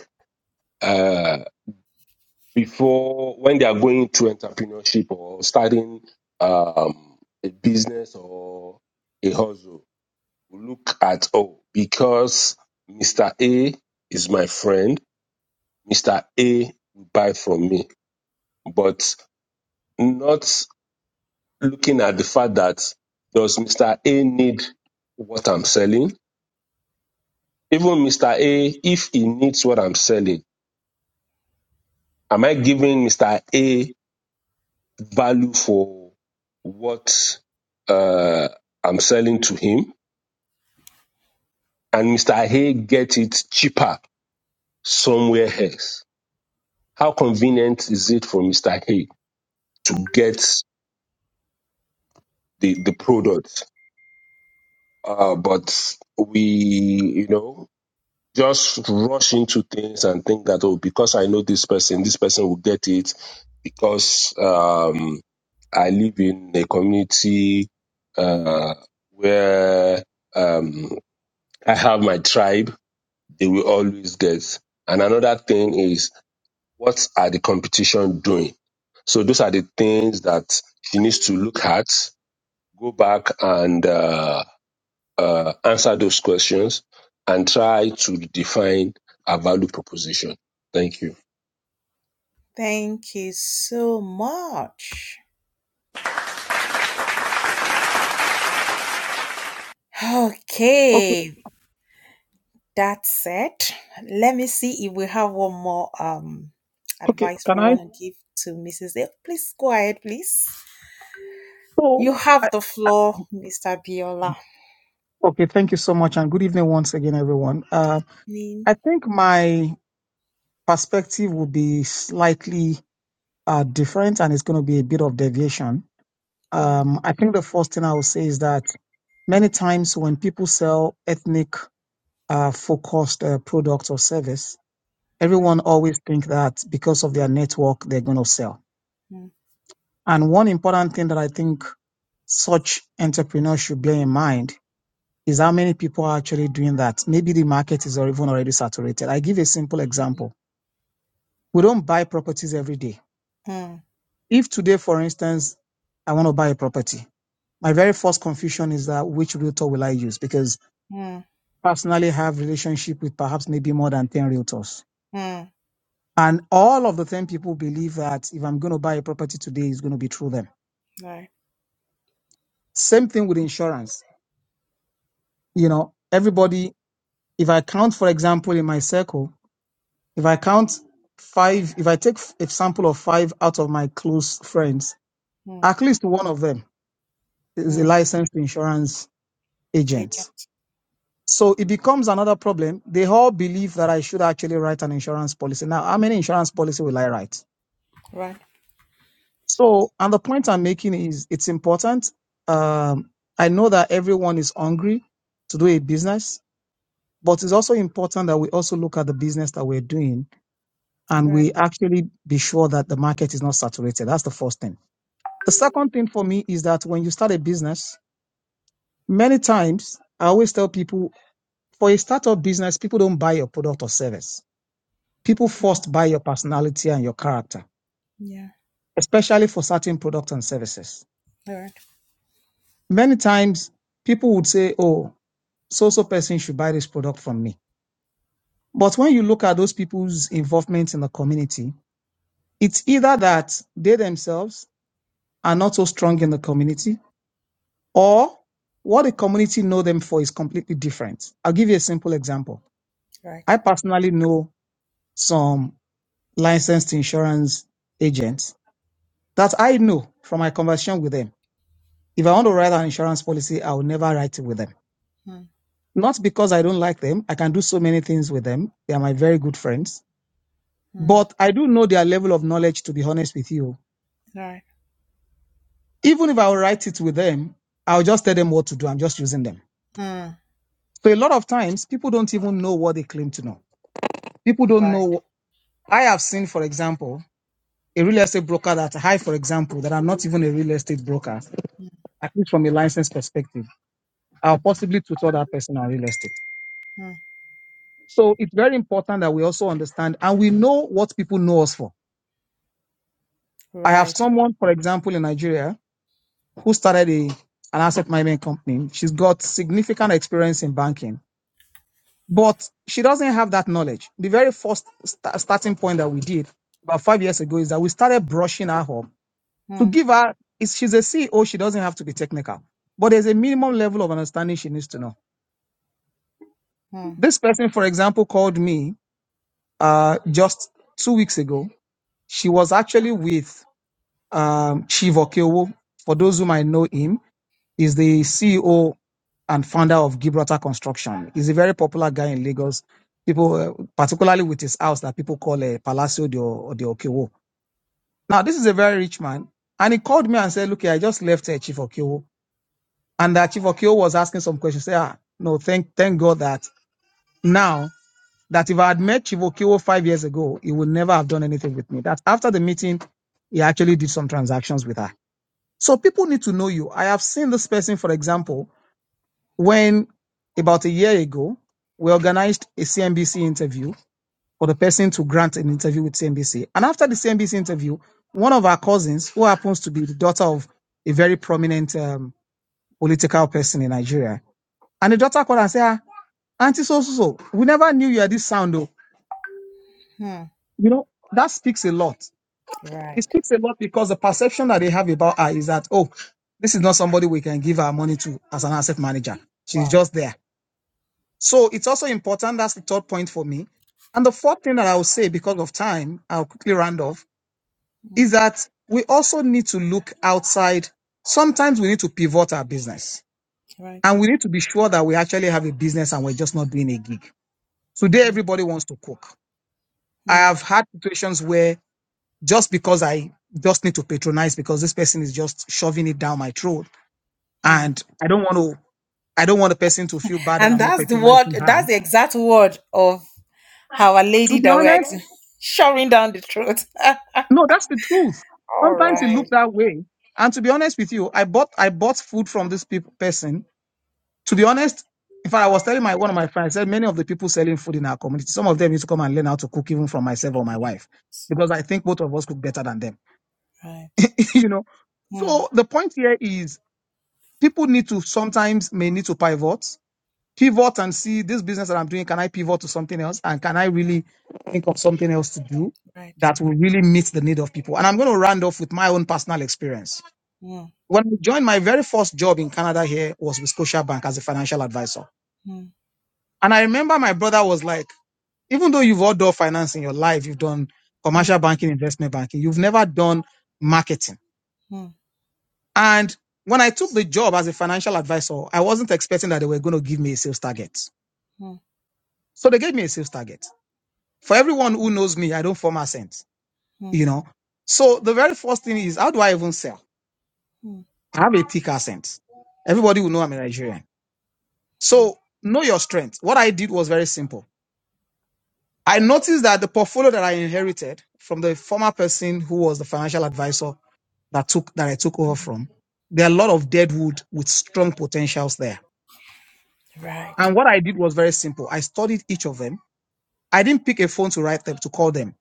Speaker 3: uh, before when they are going to entrepreneurship or starting um, a business or a hustle. Look at oh, because Mr. A is my friend, Mr. A will buy from me, but not looking at the fact that does Mr. A need what I'm selling? Even Mr. A, if he needs what I'm selling, am I giving Mr. A value for what uh, I'm selling to him? And Mr. A get it cheaper somewhere else. How convenient is it for Mr. A to get the, the product? Uh, but we, you know, just rush into things and think that oh because i know this person this person will get it because um i live in a community uh where um i have my tribe they will always get and another thing is what are the competition doing so those are the things that she needs to look at go back and uh, uh, answer those questions and try to define our value proposition. Thank you.
Speaker 1: Thank you so much.
Speaker 4: Okay,
Speaker 1: Okay, that's it. Let me see if we have one more um
Speaker 4: okay.
Speaker 1: advice we
Speaker 4: Can I?
Speaker 1: want to give to Mrs. A. Please go ahead, please.
Speaker 4: So,
Speaker 1: You
Speaker 4: I,
Speaker 1: have the
Speaker 4: I,
Speaker 1: floor, Mr. Biola.
Speaker 4: okay. Thank you so much, and good evening once again, everyone. Uh,
Speaker 1: Mean,
Speaker 4: I think my perspective will be slightly uh, different, and it's going to be a bit of deviation.
Speaker 1: right,
Speaker 4: Um, I think the first thing I will say is that many times when people sell ethnic uh, focused uh, products or service,
Speaker 1: right.
Speaker 4: everyone always think that because of their network they're going to sell.
Speaker 1: Mm,
Speaker 4: And one important thing that I think such entrepreneurs should bear in mind is how many people are actually doing that. Maybe the market is or even already saturated. I give a simple example. We don't buy properties every day.
Speaker 1: mm,
Speaker 4: If today, for instance, I want to buy a property, my very first confusion is that which realtor will I use? Because
Speaker 1: mm,
Speaker 4: personally, I have relationship with perhaps maybe more than 10 realtors.
Speaker 1: mm,
Speaker 4: And all of the 10 people believe that if I'm going to buy a property today, it's going to be through them.
Speaker 1: right,
Speaker 4: Same thing with insurance. You know, everybody, if I count, for example, in my circle, If I count five, if I take a sample of five out of my close friends,
Speaker 1: mm,
Speaker 4: at least one of them is a
Speaker 1: mm.
Speaker 4: licensed insurance agent.
Speaker 1: Agent,
Speaker 4: So it becomes another problem. They all believe that I should actually write an insurance policy. Now, how many insurance policy will I write?
Speaker 1: right,
Speaker 4: So, and the point I'm making is it's important. Um, I know that everyone is hungry to do a business, but it's also important that we also look at the business that we're doing and
Speaker 1: right.
Speaker 4: we actually be sure that the market is not saturated. That's the first thing. The second thing for me is that when you start a business, many times I always tell people for a startup business, people don't buy your product or service. People
Speaker 1: Mm,
Speaker 4: first buy your personality and your character,
Speaker 1: yeah,
Speaker 4: especially for certain products and services.
Speaker 1: right,
Speaker 4: Many times people would say, Oh, so so person should buy this product from me. But when you look at those people's involvement in the community, it's either that they themselves are not so strong in the community or what the community know them for is completely different. I'll give you a simple example. I
Speaker 1: right.
Speaker 4: personally know some licensed insurance agents that I know from my conversation with them. If I want to write an insurance policy, I will never write it with them.
Speaker 1: Mm,
Speaker 4: Not because I don't like them. I can do so many things with them. They are my very good friends.
Speaker 1: mm,
Speaker 4: But I do know their level of knowledge, to be honest with you.
Speaker 1: right,
Speaker 4: Even if I will write it with them, I'll just tell them what to do. I'm just using them.
Speaker 1: mm,
Speaker 4: So a lot of times, people don't even know what they claim to know people don't
Speaker 1: right,
Speaker 4: know I have seen, for example, a real estate broker that I, for example, that I'm not even a real estate broker,
Speaker 1: mm,
Speaker 4: at least from a license perspective, I'll possibly tutor that person on real estate.
Speaker 1: mm,
Speaker 4: So it's very important that we also understand and we know what people know us for. I have
Speaker 1: right.
Speaker 4: someone, for example, in Nigeria who started a, an asset management company. She's got significant experience in banking, but she doesn't have that knowledge. The very first sta- starting point that we did about five years ago is that we started brushing her up to
Speaker 1: Mm,
Speaker 4: give her is she's a CEO, she doesn't have to be technical. But there's a minimum level of understanding she needs to know.
Speaker 1: mm,
Speaker 4: This person, for example, called me uh, just two weeks ago. She was actually with um, Chief Okeowo. For those who might know him, is the CEO and founder of Gibraltar Construction. He's a very popular guy in Lagos. People, uh, particularly with his house that people call a Palacio de, O- de Okewo. Now, this is a very rich man, and he called me and said, "Look, here, I just left uh, Chief Okewo. And that Chief Okio was asking some questions. Say, ah, no, thank thank God that now that if I had met Chief Okio five years ago, he would never have done anything with me. That after the meeting, he actually did some transactions with her. So people need to know you. I have seen this person, for example, when about a year ago, we organized a CNBC interview for the person to grant an interview with CNBC. And after the CNBC interview, one of our cousins, who happens to be the daughter of a very prominent um, political person in Nigeria, and the daughter called and said, "Ah, Auntie, so, so, so, we never knew you had this sound, though.
Speaker 1: mm.
Speaker 4: You know, that speaks a lot.
Speaker 1: Right.
Speaker 4: It speaks a lot because the perception that they have about her is that, oh, this is not somebody we can give our money to as an asset manager. She's
Speaker 1: Wow.
Speaker 4: just there. So it's also important. That's the third point for me. And the fourth thing that I will say because of time, I'll quickly round off,
Speaker 1: Mm,
Speaker 4: is that we also need to look outside. Sometimes we need to pivot our business
Speaker 1: right.
Speaker 4: and we need to be sure that we actually have a business and we're just not doing a gig. Today,
Speaker 1: Mm,
Speaker 4: everybody wants to cook. I
Speaker 1: mm,
Speaker 4: have had situations where just because I just need to patronize because this person is just shoving it down my throat
Speaker 1: mm.
Speaker 4: and I don't want to I don't want a person to feel bad that
Speaker 1: And
Speaker 4: I'm not
Speaker 1: that's the word,
Speaker 4: patronizing her.
Speaker 1: that's the exact word of our lady
Speaker 4: To be
Speaker 1: that we're
Speaker 4: honest,
Speaker 1: ex- shutting down the throat.
Speaker 4: no, that's the truth.
Speaker 1: All
Speaker 4: Sometimes it
Speaker 1: right.
Speaker 4: looked that way. And to be honest with you, I bought I bought food from this peop- person. To be honest, in fact, I was telling my one of my friends, I said many of the people selling food in our community, some of them need to come and learn how to cook even from myself or my wife. Because I think both of us cook better than them.
Speaker 1: Right.
Speaker 4: you know,
Speaker 1: Mm,
Speaker 4: so the point here is people need to sometimes may need to pivot pivot and see this business that i'm doing can i pivot to something else and can i really think of something else to do
Speaker 1: right.
Speaker 4: that will really meet the need of people and i'm going to round off with my own personal experience
Speaker 1: Mm,
Speaker 4: when i joined my very first job in canada here was with scotia bank as a financial advisor
Speaker 1: mm,
Speaker 4: and i remember my brother was like even though you've all done finance in your life you've done
Speaker 1: mm,
Speaker 4: commercial banking investment banking you've never done marketing
Speaker 1: mm,
Speaker 4: And when I took the job as a financial advisor, I wasn't expecting that they were going to give me a sales target.
Speaker 1: mm,
Speaker 4: So they gave me a sales target. For everyone who knows me, I don't form accent,
Speaker 1: mm,
Speaker 4: you know. So the very first thing is, how do I even sell?
Speaker 1: mm,
Speaker 4: I have a thick accent.
Speaker 1: mm,
Speaker 4: Everybody will know I'm a Nigerian.
Speaker 1: mm.
Speaker 4: So know your strength. What I did was very simple. I noticed that the portfolio that I inherited from the former person who was the financial advisor that took that I took over from, there are a lot of dead wood with strong potentials there.
Speaker 1: Right.
Speaker 4: And what I did was very simple. I studied each of them. I didn't pick a phone to write them, to call them.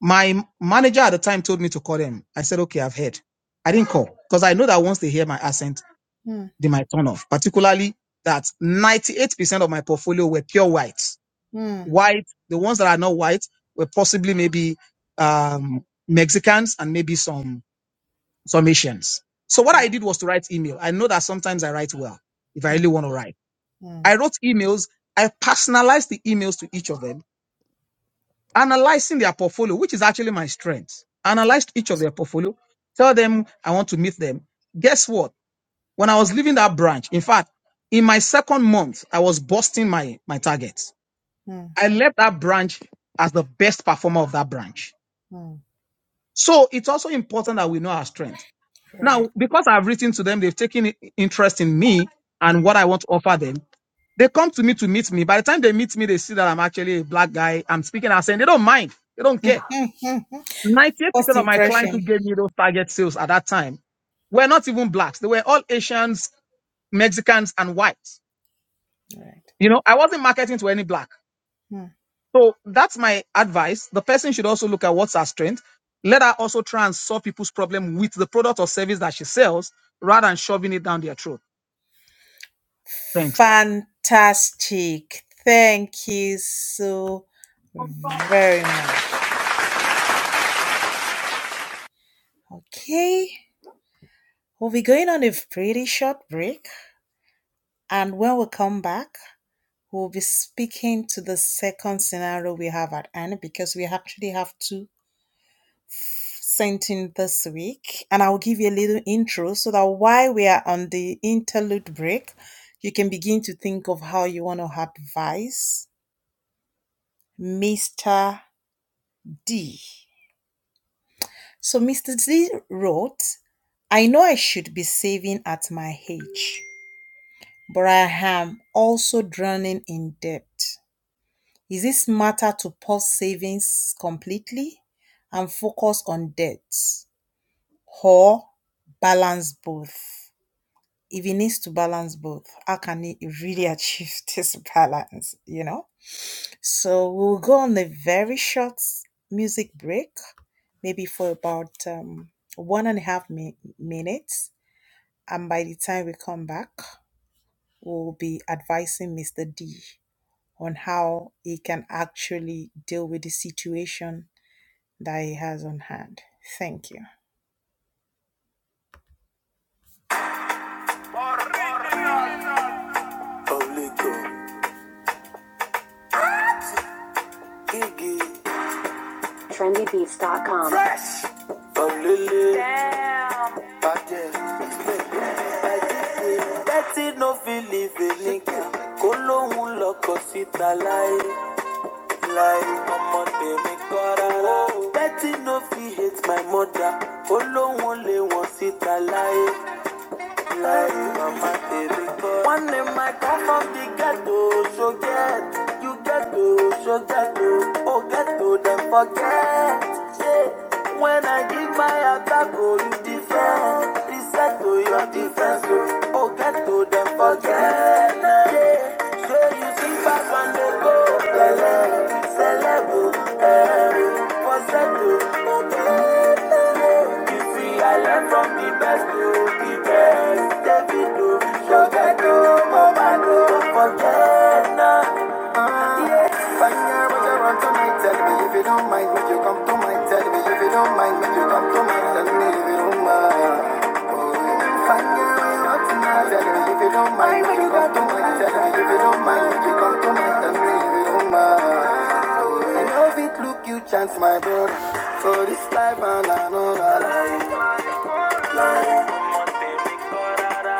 Speaker 4: My manager at the time told me to call them. I said, okay, I've heard. I didn't call because I know that once they hear my accent,
Speaker 1: Mm,
Speaker 4: they might turn off. Particularly that 98% of my portfolio were pure whites.
Speaker 1: mm,
Speaker 4: White, the ones that are not white were possibly maybe um, Mexicans and maybe some, some Asians. So what I did was to write email. I know that sometimes I write well if I really
Speaker 1: mm,
Speaker 4: want to write.
Speaker 1: mm,
Speaker 4: I wrote emails. I personalized the emails to each of them, analyzing their portfolio, which is actually my strength. Analyzed each of their portfolio, tell them I want to meet them. Guess what? When I was leaving that branch, in fact, in my second month, I was busting my, my targets.
Speaker 1: mm,
Speaker 4: I left that branch as the best performer of that branch.
Speaker 1: mm.
Speaker 4: So it's also important that we know our strength.
Speaker 1: Right.
Speaker 4: Now, because I've written to them, they've taken i- interest in me and what I want to offer them. They come to me to meet me. By the time they meet me, they see that I'm actually a black guy. I'm speaking and saying they don't mind. They don't care. 98%
Speaker 1: First
Speaker 4: of my clients who
Speaker 1: impression.
Speaker 4: gave me those target sales at that time were not even blacks. They were all Asians, Mexicans, and whites.
Speaker 1: Right.
Speaker 4: You know, I wasn't marketing to any black. So that's my advice. The person should also look at what's her strength. Let her also try and solve people's problem with the product or service that she sells rather than shoving it down their throat. Thanks.
Speaker 1: Fantastic. Thank you so very much. Okay. We'll be going on a pretty short break. And when we come back, we'll be speaking to the second scenario we have at hand because we actually have two sent in this week. And I'll give you a little intro so that while we are on the interlude break, you can begin to think of how you want to advise Mr. D. So Mr. Z wrote, I know I should be saving at my age, but I am also drowning in debt. Is it smarter to pause savings completely and focus on debt or balance both? If he needs to balance both, how can he really achieve this balance? You know? So we'll go on a very short music break, maybe for about um, one and a half mi- minutes And by the time we come back, we'll be advising Mr. D on how he can actually deal with the situation that he has on hand. Thank you. trendybeats.com. Tẹ́tí ló fi One in my come from the ghetto, so get you ghetto, so ghetto, oh ghetto, then forget. Yeah. When I give my attack, oh you defend, reset to your defense, oh oh, ghetto, then forget. Yeah. So you see back on the go, Bele, celebo, eh, for settle, oh, ghetto. You see, I learn from the best, oh, the best regrets. Davido, Shogato, don't forget now. Yeah. Fire, but I run to my tell me if you don't mind, would you come to my tell me if you don't mind, would you come to my tell me if you don't mind. Oh, fire, we run to my tell me if you don't mind, would you come to my tell me if you don't mind, would you come to my tell me if you don't mind. I know look you chance, my brother. For this life and another life.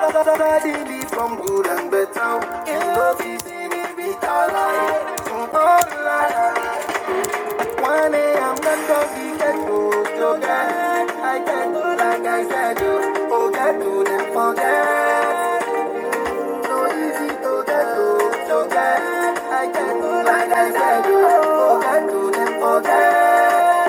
Speaker 1: Daddy from good and better. Can love is in it with all I am. Online. 1 a.m. Let go be get to go get. I get to like I said you. Oh, get to them forget. So easy to get to so get. I get to like I said you. Oh, get to them forget.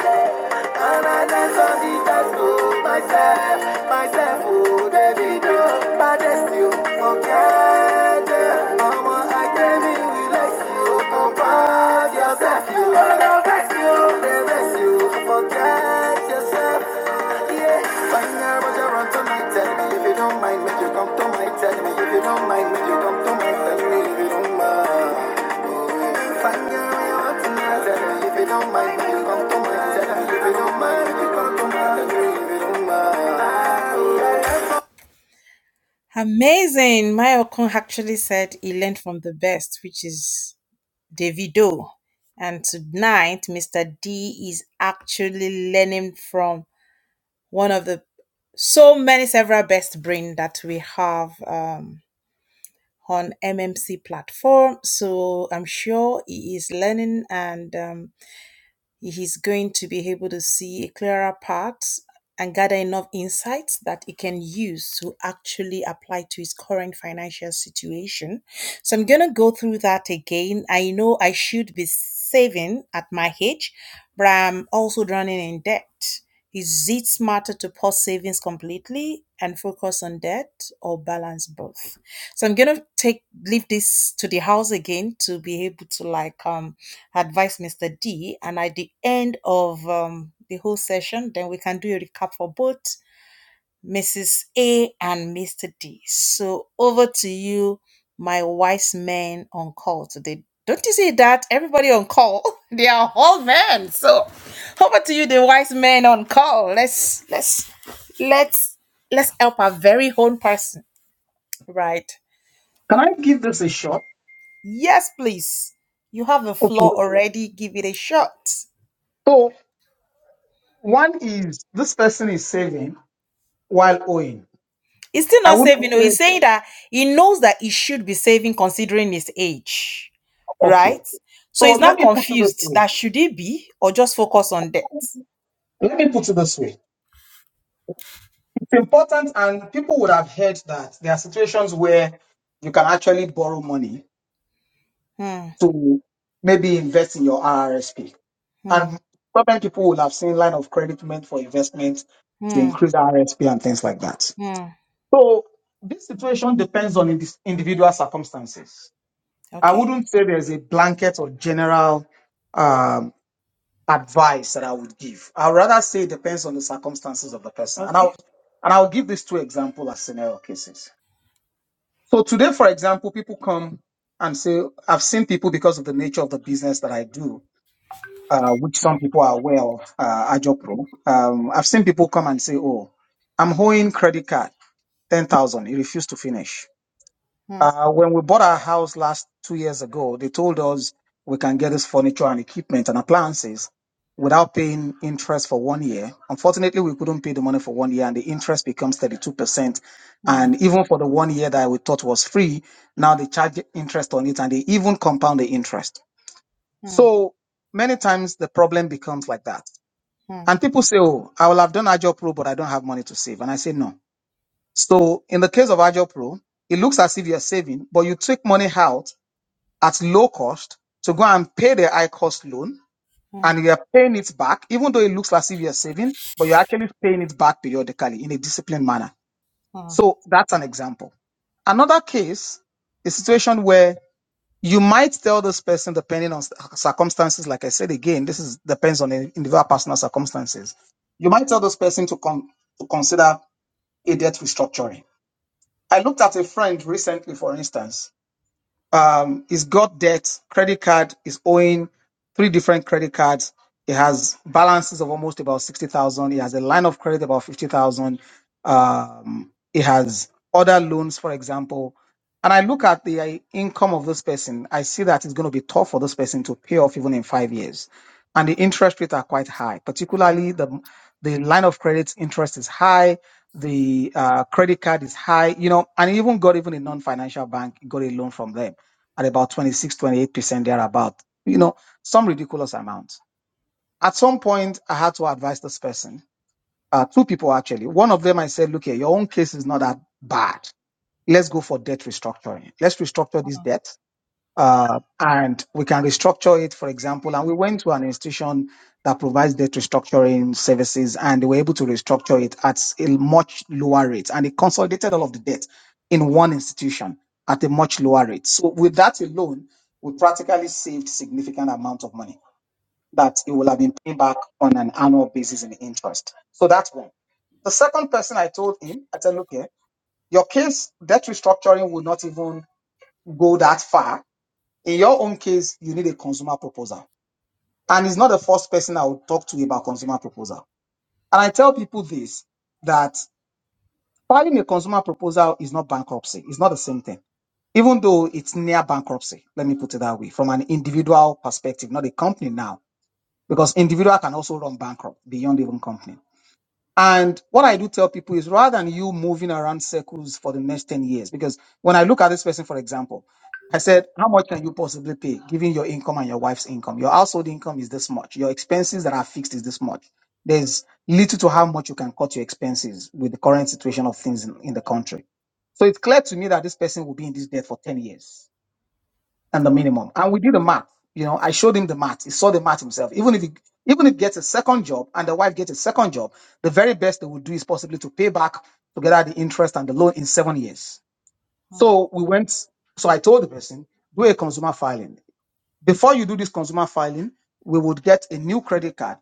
Speaker 1: And I dance on the dance floor myself, myself, oh, David, oh, baddest you, forget them. Mama, I came in, relax you, compose yourself, you, oh, no, vex you, they vex you, forget yourself. Find my. Tell Amazing. Mayokon actually said he learned from the best, which is Davido. And tonight, Mr. D is actually learning from one of the so many several best brain that we have um, on MMC platform. So I'm sure he is learning and um, he's going to be able to see a clearer path and gather enough insights that he can use to actually apply to his current financial situation. So I'm going to go through that again. I know I should be saving at my age, but I'm also drowning in debt. Is it smarter to pause savings completely and focus on debt or balance both? so i'm gonna take leave this to the house again to be able to like um advise mr d and at the end of um the whole session then we can do a recap for both mrs a and mr d so over to you my wise men on call today don't you see that everybody on call they are all men so over to you the wise men on call let's let's let's let's help our very own person right
Speaker 4: Can I give this a shot?
Speaker 1: Yes, please. You have a
Speaker 4: Okay.
Speaker 1: flaw already. Give it a shot.
Speaker 4: So. One is this person is saving while owing.
Speaker 1: He's still
Speaker 4: I
Speaker 1: not
Speaker 4: wouldn't
Speaker 1: saving. Oh,
Speaker 4: say,
Speaker 1: he's saying that he knows that he should be saving considering his age,
Speaker 4: okay.
Speaker 1: right? So
Speaker 4: So
Speaker 1: he's
Speaker 4: let
Speaker 1: not
Speaker 4: me put it this
Speaker 1: confused
Speaker 4: way.
Speaker 1: that should he be or just focus on debt.
Speaker 4: Let me put it this way. It's important, and people would have heard that there are situations where you can actually borrow money
Speaker 1: Hmm,
Speaker 4: to maybe invest in your RSP,
Speaker 1: hmm,
Speaker 4: And so many people would have seen line of credit meant for investment to
Speaker 1: hmm,
Speaker 4: increase RSP and things like that.
Speaker 1: hmm.
Speaker 4: So this situation depends on indi- individual circumstances. I
Speaker 1: Okay,
Speaker 4: wouldn't say there's a blanket or general. um, advice that I would give. I'd rather say it depends on the circumstances of the person. And
Speaker 1: okay.
Speaker 4: I'll and I'll give these two examples as scenario cases. So today, for example, people come and say, I've seen people because of the nature of the business that I do, uh, which some people are aware of, uh, Ajopro. Um, I've seen people come and say, Oh, I'm holding credit card, 10,000. He refused to finish.
Speaker 1: Hmm,
Speaker 4: Uh, when we bought our house last two years ago, they told us we can get this furniture and equipment and appliances without paying interest for one year. Unfortunately, we couldn't pay the money for one year, and the interest becomes 32%.
Speaker 1: hmm,
Speaker 4: And even for the one year that we thought was free, now they charge interest on it and they even compound the interest.
Speaker 1: hmm,
Speaker 4: So many times the problem becomes like that.
Speaker 1: hmm,
Speaker 4: And people say, Oh, I will have done a job pro, but I don't have money to save. And I say, No. So in the case of Agile Pro, it looks as if you're saving, but you take money out at low cost to go and pay the high cost loan
Speaker 1: hmm,
Speaker 4: and you're paying it back, even though it looks as if you're saving, but you're actually paying it back periodically in a disciplined manner.
Speaker 1: hmm.
Speaker 4: So that's an example. Another case, a situation where you might tell this person, depending on cir- circumstances, like I said again, this is depends on the individual personal circumstances. You might tell this person to, con- to consider a debt restructuring I looked at a friend recently, for instance um he's got debt, credit card is owing three different credit cards. He has balances of almost about sixty thousand. He has a line of credit about fifty thousand. Um, he has other loans, for example. And I look at the uh, income of this person. I see that it's going to be tough for this person to pay off even in five years, and the interest rates are quite high. Particularly the the line of credit interest is high. The uh, credit card is high. You know, and he even got even a non-financial bank got a loan from them at about 26, 28% thereabout, you know, some ridiculous amount. At some point, I had to advise this person, uh, two people actually. One of them, I said, look here, your own case is not that bad. Let's go for debt restructuring. Let's restructure this debt uh, and we can restructure it, for example. And we went to an institution that provides debt restructuring services, and they were able to restructure it at a much lower rate, and it consolidated all of the debt in one institution at a much lower rate. So with that alone, we practically saved significant amount of money that it will have been paying back on an annual basis in interest. So that's one. The second person I told him, I said, look here, your case debt restructuring will not even go that far in your own case, you need a consumer proposal. And it's not the first person I would talk to about consumer proposal. And I tell people this that filing a consumer proposal is not bankruptcy. It's not the same thing. Even though it's near bankruptcy, let me put it that way, from an individual perspective, not a company now, because individual can also run bankrupt beyond even company. And what I do tell people is rather than you moving around circles for the next 10 years, because when I look at this person, for example, I said, how much can you possibly pay given your income and your wife's income? Your household income is this much. Your expenses that are fixed is this much. There's little to how much you can cut your expenses with the current situation of things in, in the country. So it's clear to me that this person will be in this debt for 10 years and the minimum. And we did the math. You know, I showed him the math. He saw the math himself. Even if he even if he gets a second job and the wife gets a second job, the very best they would do is possibly to pay back together the interest and the loan in seven years. So we went. So I told the person, do a consumer filing. Before you do this consumer filing, we would get a new credit card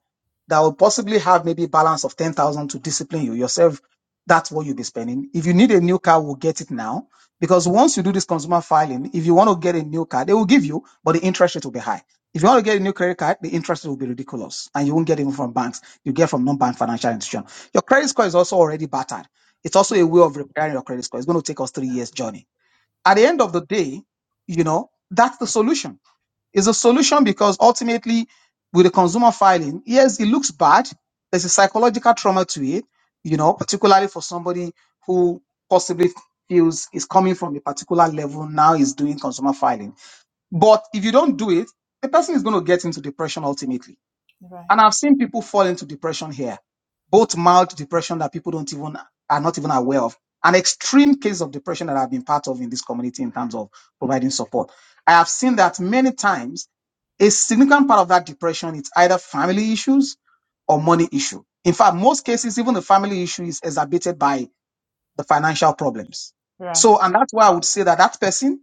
Speaker 4: that will possibly have maybe balance of 10,000 to discipline you yourself. That's what you'll be spending. If you need a new car, we'll get it now. Because once you do this consumer filing, if you want to get a new car, they will give you, but the interest rate will be high. If you want to get a new credit card, the interest rate will be ridiculous. And you won't get it even from banks. You get from non-bank financial institution. Your credit score is also already battered. It's also a way of repairing your credit score. It's going to take us three years journey. At the end of the day, you know, that's the solution it's a solution because ultimately, with the consumer filing, yes, it looks bad. There's a psychological trauma to it, you know, particularly for somebody who possibly feels is coming from a particular level now is doing consumer filing. But if you don't do it, the person is going to get into depression ultimately.
Speaker 1: Right,
Speaker 4: And I've seen people fall into depression here, both mild depression that people don't even are not even aware of, an extreme case of depression that I've been part of in this community in terms of providing support. I have seen that many times a significant part of that depression is either family issues or money issue. In fact, most cases, even the family issue is exacerbated by the financial problems.
Speaker 1: right, right.
Speaker 4: So, and that's why I would say that that person's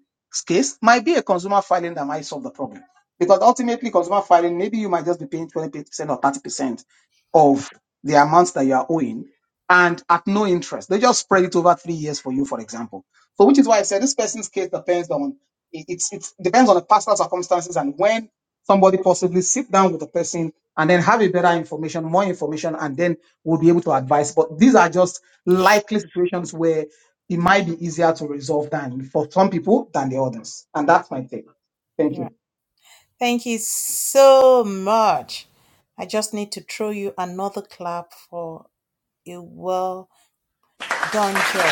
Speaker 4: case might be a consumer filing that might solve the problem. Because ultimately, consumer filing, maybe you might just be paying 20% or 30% of the amounts that you are owing and at no interest. They just spread it over three years for you, for example. So, which is why I said this person's case depends on, it, it's, it depends on the personal circumstances and when somebody possibly sit down with the person and then have a better information, more information, and then we'll be able to advise. But these are just likely situations where it might be easier to resolve than for some people than the others. And that's my take. Thank you.
Speaker 1: Thank you so much. I just need to throw you another clap for a well Done deal.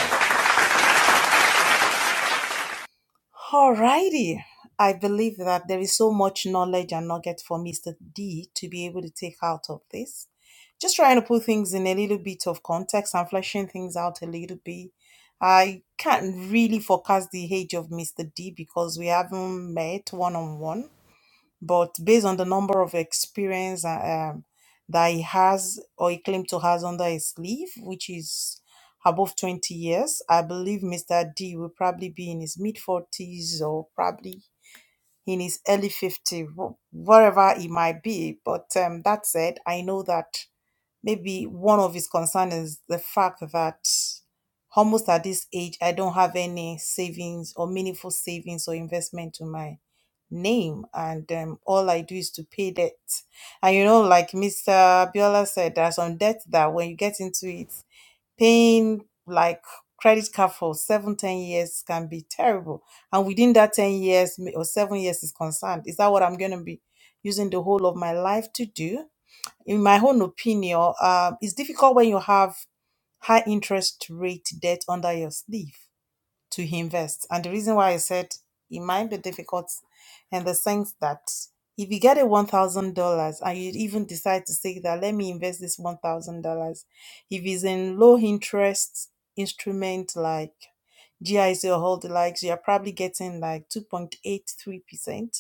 Speaker 1: Alrighty. I believe that there is so much knowledge and nugget for Mr. D to be able to take out of this. Just trying to put things in a little bit of context and fleshing things out a little bit. I can't really forecast the age of Mr. D because we haven't met one on one. but based on the number of experience uh, um, that he has or he claimed to has under his sleeve, which is above 20 years, I believe Mr. D will probably be in his mid 40s or probably in his early 50s, wherever he might be. But um, that said, I know that maybe one of his concerns is the fact that almost at this age, I don't have any savings or meaningful savings or investment to my name and um, all I do is to pay debt. And you know, like Mr. Biola said, there are some debts that when you get into it, paying like credit card for seven, ten years can be terrible. And within that 10 years m- or seven years is concerned. Is that what I'm going to be using the whole of my life to do? In my own opinion, um, it's difficult when you have high interest rate debt under your sleeve to invest. And the reason why I said it might be difficult in the sense that if you get a one thousand dollars and you even decide to say that let me invest this one thousand dollars, if it's in low interest instrument like GIC or all the likes, you're probably getting like two point eight three percent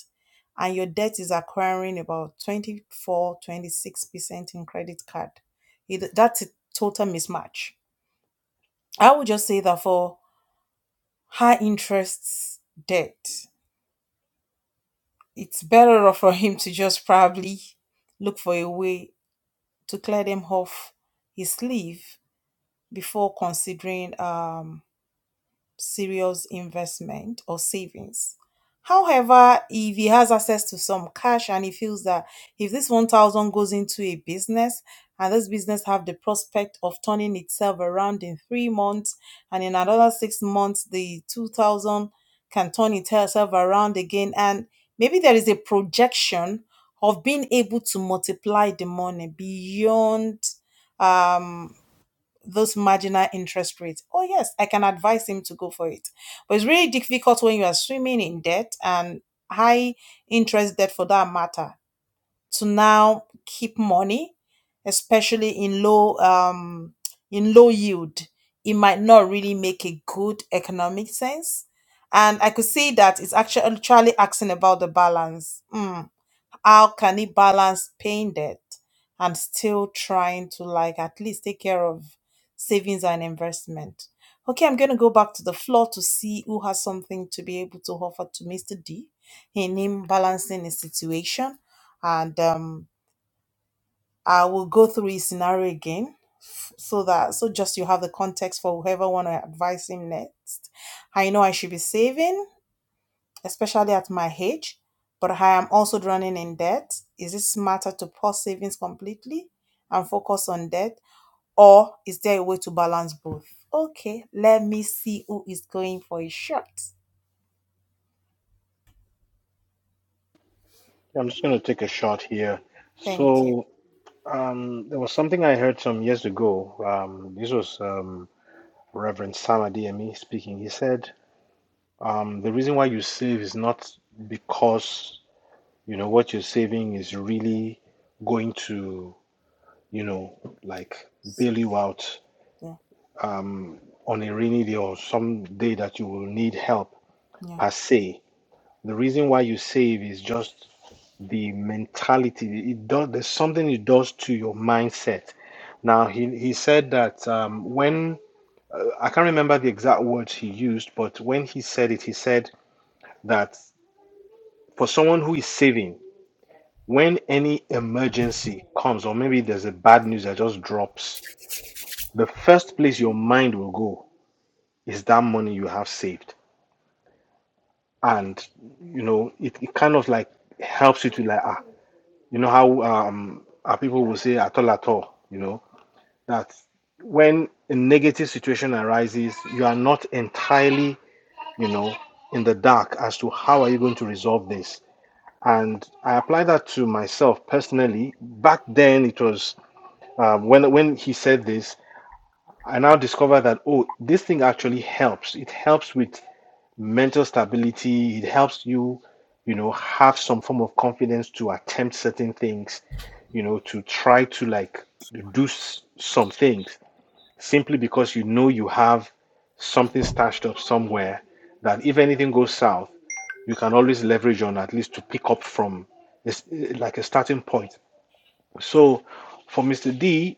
Speaker 1: and your debt is acquiring about twenty four twenty six percent in credit card. It- That's a total mismatch. I would just say that for high interest debt, it's better off for him to just probably look for a way to clear them off his sleeve before considering um serious investment or savings. However, if he has access to some cash and he feels that if this 1000 goes into a business and this business have the prospect of turning itself around in 3 months and in another 6 months the 2000 can turn itself around again and maybe there is a projection of being able to multiply the money beyond um those marginal interest rates. Oh yes, I can advise him to go for it. But it's really difficult when you are swimming in debt and high interest debt for that matter to now keep money, especially in low um in low yield. It might not really make a good economic sense. And I could see that it's actually actually asking about the balance. Mm. How can he balance paying debt and still trying to like at least take care of savings and investment. Okay, I'm going to go back to the floor to see who has something to be able to offer to Mr. D in him balancing his situation. And um, I will go through his scenario again f- so that, so just you have the context for whoever want to advise him next. I know I should be saving especially at my age, but I am also drowning in debt. Is it smarter to pause savings completely and focus on debt, or is there a way to balance both? Okay, let me see who is going for a shot.
Speaker 2: I'm just going to take a shot here.
Speaker 1: Thank you.
Speaker 2: So um, there was something I heard some years ago. Um, this was um, Reverend Sam Adeyemi speaking. He said, um, the reason why you save is not because, you know, what you're saving is really going to, you know, like bail you out
Speaker 1: Yeah,
Speaker 2: um, on a rainy day or some day that you will need help
Speaker 1: yeah.
Speaker 2: per se. The reason why you save is just the mentality. It does, there's something it does to your mindset. Now, he, he said that um, when, I can't remember the exact words he used, but when he said it, he said, that for someone who is saving, when any emergency comes, or maybe there's a bad news that just drops, the first place your mind will go is that money you have saved. And, you know, it, it kind of like helps you to like, ah, you know how um, our people will say at all at all, you know, that when a negative situation arises, you are not entirely, you know, in the dark as to how are you going to resolve this and I apply that to myself personally. Back then, it was um, when when he said this, I now discover that oh, this thing actually helps. It helps with mental stability. It helps you, you know, have some form of confidence to attempt certain things, you know, to try to like do s- some things simply because you know you have something stashed up somewhere that if anything goes south, you can always leverage on at least to pick up from this, like a starting point. So for Mr. D,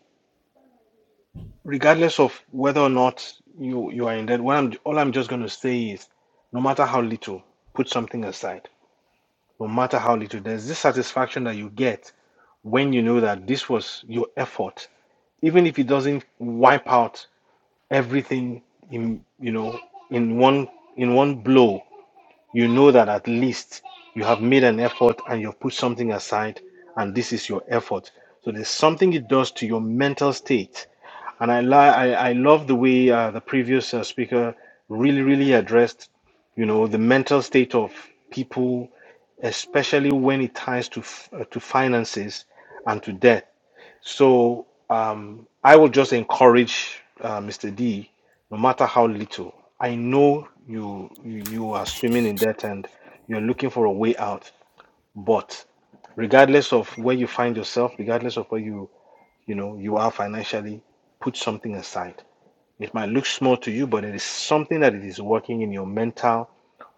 Speaker 2: regardless of whether or not you, you are in debt, what I'm, all I'm just going to say is no matter how little, put something aside. No matter how little, there's this satisfaction that you get when you know that this was your effort, even if it doesn't wipe out everything in you know in one in one blow you know that at least you have made an effort and you've put something aside and this is your effort so there's something it does to your mental state and i li- I, I love the way uh, the previous uh, speaker really really addressed you know the mental state of people especially when it ties to f- uh, to finances and to death so um, I will just encourage uh, Mr. D, no matter how little. I know you, you you are swimming in debt and you're looking for a way out, but regardless of where you find yourself, regardless of where you you know you are financially, put something aside. It might look small to you, but it is something that it is working in your mental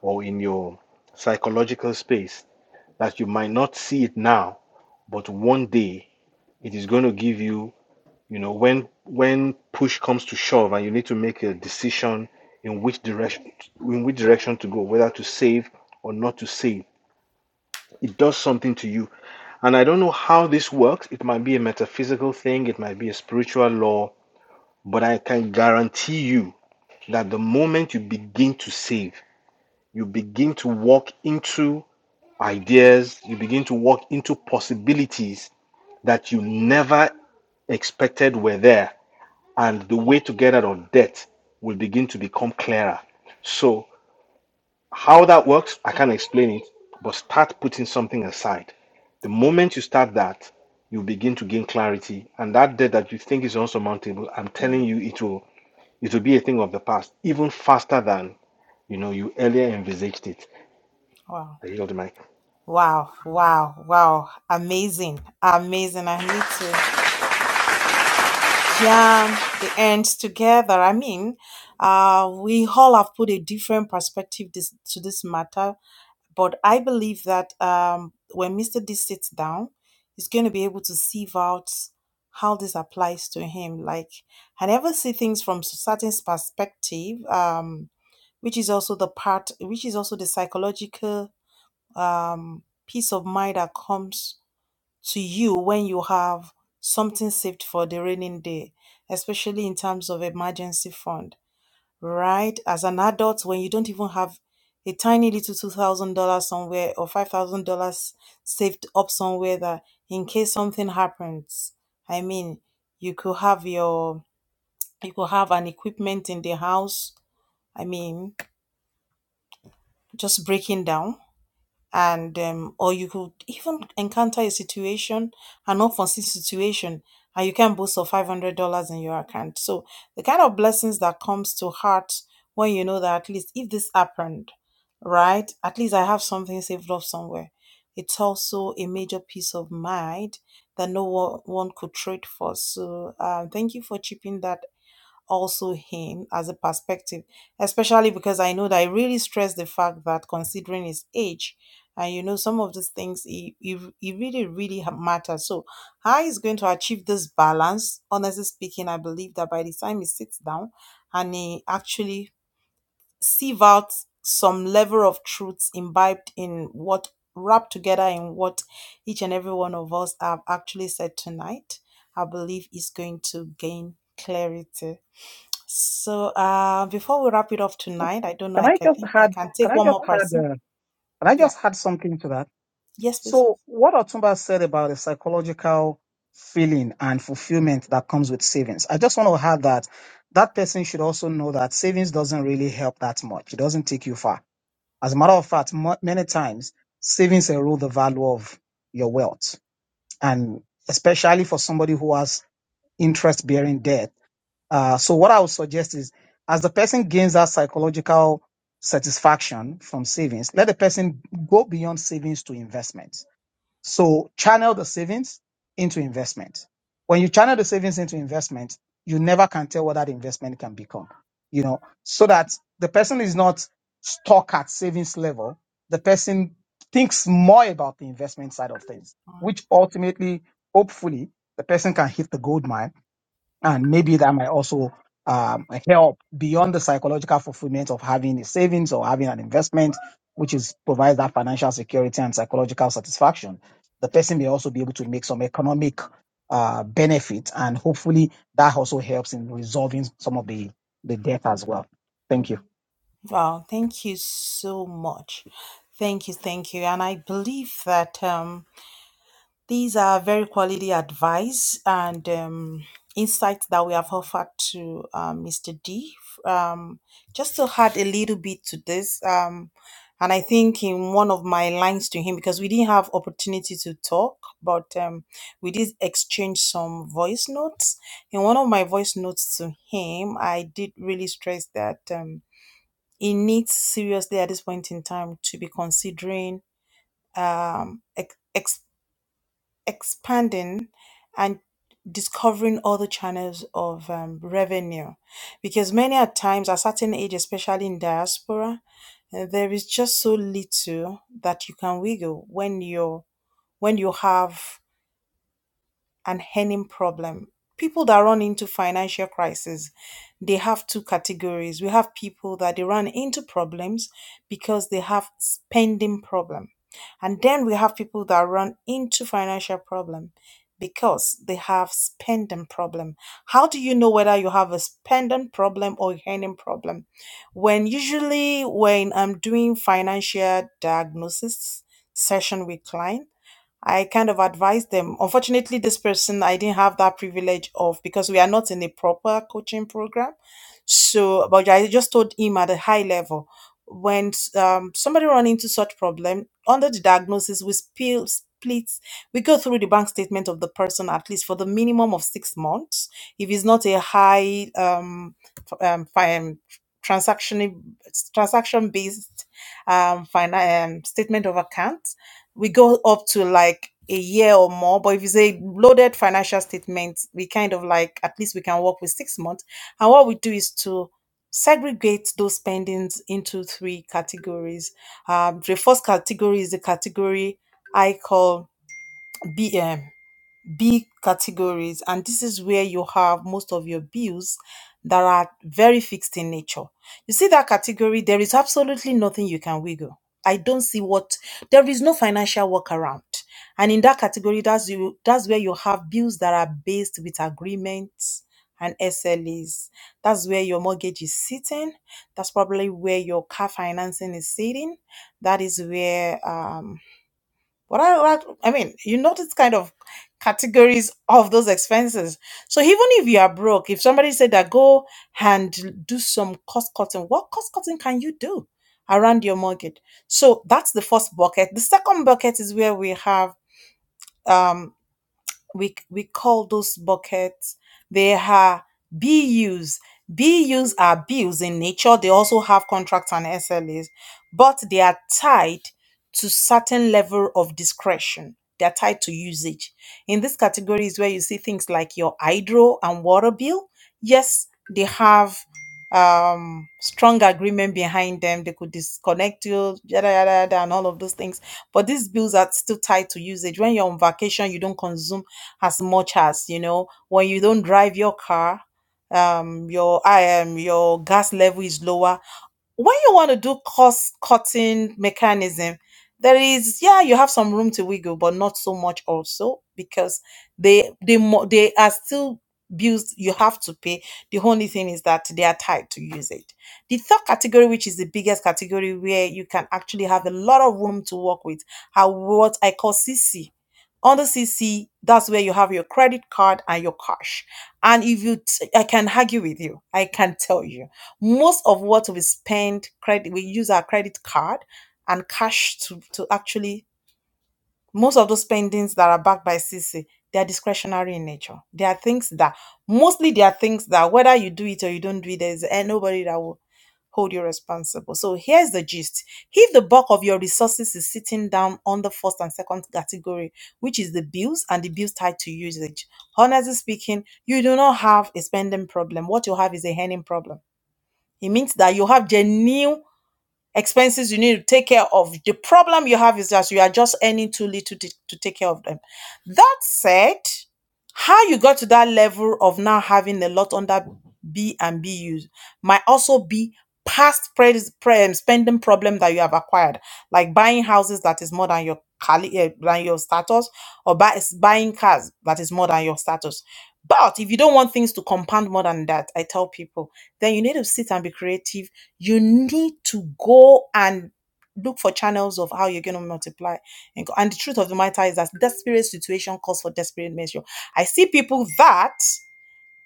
Speaker 2: or in your psychological space that you might not see it now, but one day it is going to give you you know, when when push comes to shove and you need to make a decision in which direction in which direction to go, whether to save or not to save, it does something to you. And I don't know how this works. It might be a metaphysical thing, it might be a spiritual law, but I can guarantee you that the moment you begin to save, you begin to walk into ideas, you begin to walk into possibilities that you never expected were there and the way to get out of debt will begin to become clearer. So, how that works, I can't explain it, but start putting something aside. The moment you start that, you begin to gain clarity, and that debt that you think is unsurmountable, I'm telling you, it will it will be a thing of the past, even faster than you know you earlier envisaged it.
Speaker 1: Wow,
Speaker 2: I yield the mic.
Speaker 1: wow, wow, wow. Amazing, amazing. I need to. Yeah, the ends together. I mean, uh, we all have put a different perspective this, to this matter, but I believe that um, when Mr. D sits down, he's going to be able to sieve out how this applies to him. Like, I never see things from certain perspective, um, which is also the part, which is also the psychological um, peace of mind that comes to you when you have something saved for the raining day, especially in terms of emergency fund, right? As an adult, when you don't even have a tiny little $2,000 somewhere or $5,000 saved up somewhere that in case something happens, I mean, you could have your, you could have an equipment in the house. I mean, just breaking down and um, or you could even encounter a situation an unforeseen situation and you can boast of $500 in your account so the kind of blessings that comes to heart when you know that at least if this happened right at least i have something saved up somewhere it's also a major peace of mind that no one, one could trade for so uh, thank you for chipping that also him as a perspective, especially because I know that I really stress the fact that considering his age, and you know, some of these things, he, he, he really, really ha- matters. So, how he's going to achieve this balance, honestly speaking, I believe that by the time he sits down and he actually sieve out some level of truths imbibed in what wrapped together in what each and every one of us have actually said tonight, I believe is going to gain clarity. So uh, before we wrap it up tonight, I don't know.
Speaker 4: Can
Speaker 1: I,
Speaker 4: I
Speaker 1: I
Speaker 4: just
Speaker 1: think I
Speaker 4: add?
Speaker 1: can
Speaker 4: Can
Speaker 1: take
Speaker 4: I
Speaker 1: one
Speaker 4: just
Speaker 1: more
Speaker 4: add?
Speaker 1: person.
Speaker 4: Uh, can I
Speaker 1: Yeah.
Speaker 4: just add something to that?
Speaker 1: Yes, please.
Speaker 4: So, what Otumba said about the psychological feeling and fulfillment that comes with savings, I just want to add that that person should also know that savings doesn't really help that much. It doesn't take you far. As a matter of fact, mo- many times savings erode the value of your wealth, and especially for somebody who has interest bearing debt. Uh, so, what I would suggest is as the person gains that psychological satisfaction from savings, let the person go beyond savings to investment so channel the savings into investment. When you channel the savings into investment, you never can tell what that investment can become, you know, so that the person is not stuck at savings level. The person thinks more about the investment side of things, which ultimately, hopefully, the person can hit the gold mine and maybe that might also um, help beyond the psychological fulfillment of having a savings or having an investment, which is provides that financial security and psychological satisfaction. The person may also be able to make some economic uh, benefit, and hopefully that also helps in resolving some of the the debt as well. Thank you.
Speaker 1: Wow. Thank you so much. Thank you. Thank you. And I believe that. Um, These are very quality advice and um, insights that we have offered to um, Mr. D. Um, just to add a little bit to this, um, and I think in one of my lines to him because we didn't have opportunity to talk, but um, we did exchange some voice notes. In one of my voice notes to him, I did really stress that um, he needs seriously at this point in time to be considering um, ex- expanding and discovering other channels of um, revenue because many at times at certain age especially in diaspora uh, there is just so little that you can wiggle when you're when you have and earning problem people that run into financial crisis they have two categories we have people that they run into problems because they have spending problem and then we have people that run into financial problem because they have spending problem how do you know whether you have a spending problem or earning problem when usually when i'm doing financial diagnosis session with client I kind of advised them. Unfortunately, this person I didn't have that privilege of because we are not in a proper coaching program. So, but I just told him at a high level when um, somebody run into such problem under the diagnosis, we spill split. We go through the bank statement of the person at least for the minimum of six months. If it's not a high um, f- um, fi- transaction transaction based um, fina- um, statement of account we go up to like a year or more but if you say loaded financial statement we kind of like at least we can work with six months and what we do is to segregate those spendings into three categories um, the first category is the category i call bm big categories and this is where you have most of your bills that are very fixed in nature you see that category there is absolutely nothing you can wiggle i don't see what there is no financial workaround and in that category that's you that's where you have bills that are based with agreements and slas that's where your mortgage is sitting that's probably where your car financing is sitting that is where um what I, what I mean, you notice kind of categories of those expenses. So even if you are broke, if somebody said that go and do some cost cutting, what cost cutting can you do around your mortgage? So that's the first bucket. The second bucket is where we have um we we call those buckets they are BUs. BUs are bills in nature. They also have contracts and SLAs, but they are tied to certain level of discretion. They are tied to usage. In this category is where you see things like your hydro and water bill. Yes, they have um strong agreement behind them. They could disconnect you, yada yada yada, and all of those things but these bills are still tied to usage. When you're on vacation, you don't consume as much as you know when you don't drive your car um your i am your gas level is lower when you want to do cost cutting mechanism there is yeah you have some room to wiggle but not so much also because they they mo- they are still bills you have to pay the only thing is that they are tied to use it the third category which is the biggest category where you can actually have a lot of room to work with are what i call cc on the cc that's where you have your credit card and your cash and if you t- i can argue with you i can tell you most of what we spend credit we use our credit card and cash to to actually most of those spendings that are backed by cc they are discretionary in nature they are things that mostly they are things that whether you do it or you don't do it there's eh, nobody that will hold you responsible so here's the gist if the bulk of your resources is sitting down on the first and second category which is the bills and the bills tied to usage honestly speaking you do not have a spending problem what you have is a earning problem it means that you have genuine expenses you need to take care of. The problem you have is that you are just earning too little to, to take care of them. That said, how you got to that level of now having a lot under B and BUs might also be past pre- pre- um, spending problem that you have acquired, like buying houses that is more than your cali- eh, than your status, or buy, buying cars that is more than your status. But if you don't want things to compound more than that, I tell people, then you need to sit and be creative. You need to go and look for channels of how you're going to multiply and, and the truth of the matter is that desperate situation calls for desperate measure i see people that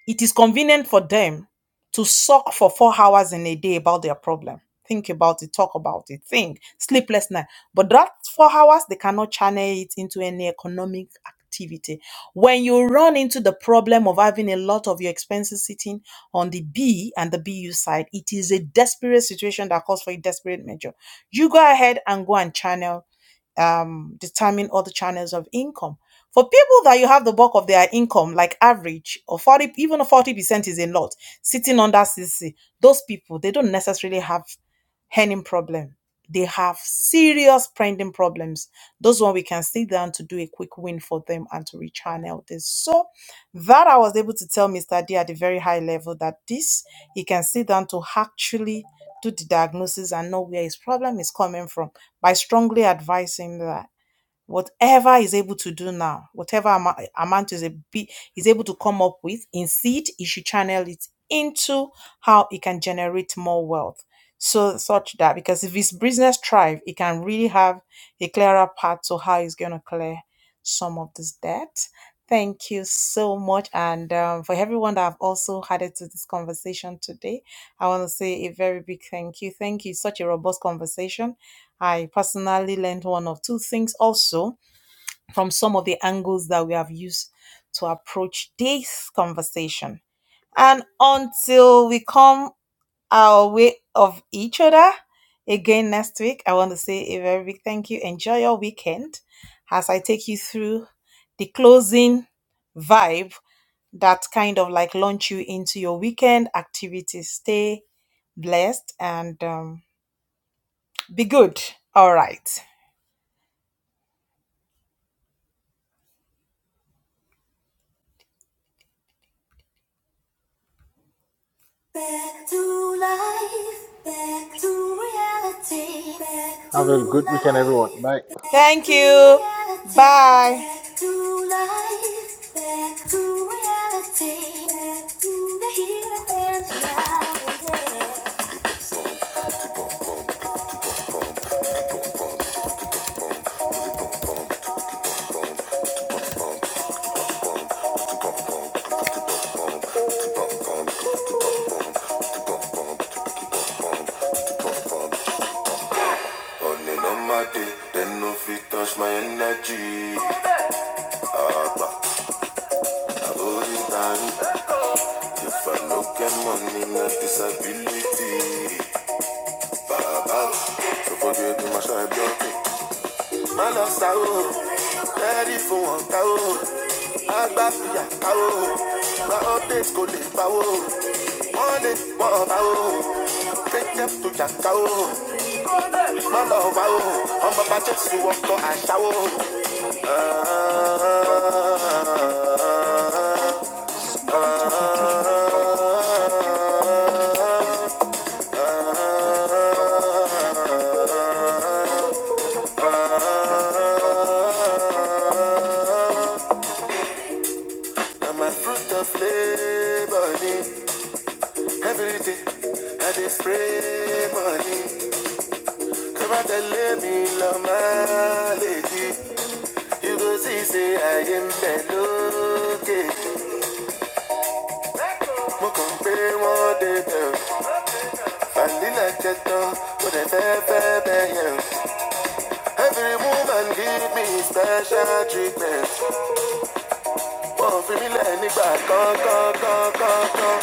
Speaker 1: it is convenient for them to suck for four hours in a day about their problem. Think about it, talk about it, think, sleepless night. But that four hours, they cannot channel it into any economic activity. When you run into the problem of having a lot of your expenses sitting on the B and the BU side, it is a desperate situation that calls for a desperate measure. You go ahead and go and channel um, determine other channels of income. For people that you have the bulk of their income, like average or 40, even 40% is a lot, sitting under CC, those people, they don't necessarily have earning problem. They have serious spending problems. Those one we can sit down to do a quick win for them and to rechannel this. So that I was able to tell Mr. D at a very high level that this he can sit down to actually do the diagnosis and know where his problem is coming from by strongly advising that. Whatever he's able to do now, whatever amou- amount is a bit he's able to come up with in seed, he should channel it into how he can generate more wealth. So such that because if his business thrive, he can really have a clearer path to how he's gonna clear some of this debt. Thank you so much. And um, for everyone that I've also added to this conversation today, I want to say a very big thank you. Thank you. Such a robust conversation. I personally learned one of two things also from some of the angles that we have used to approach this conversation. And until we come our way of each other again next week, I want to say a very big thank you. Enjoy your weekend as I take you through the closing vibe that kind of like launch you into your weekend activities. Stay blessed and um, be good. All right. Back to life, back to reality, back to life. Thank you. Bye. Back to life, back to reality, back to the here and now. Only no matter, then no fit touch my energy. I hold it down. If I no get money, no disability. Baba, so forget my shy Mọ́nà sáwó, lẹ́rí for wọn táwó. Agbáfíà táwó, gba update kò lè báwó. Wọ́n lè wọ́n Take Kéjẹ́ tó jà káwó. Mọ́nà wáwó, ọmọ bá Jésù ọkọ̀ àṣàwó. Ah, I'm a fruit of labor. Every day I dey spray money. Come out and let me love my lady. You go see, say I am melody. Mo kàn pé wọ́n dé Vanilla jẹ tán, mo dẹ̀ fẹ́ fẹ́ bẹ̀yẹ̀ Every woman give me special treatment. Wọ́n fi mí lẹ̀ nígbà kan kan kan kan kan.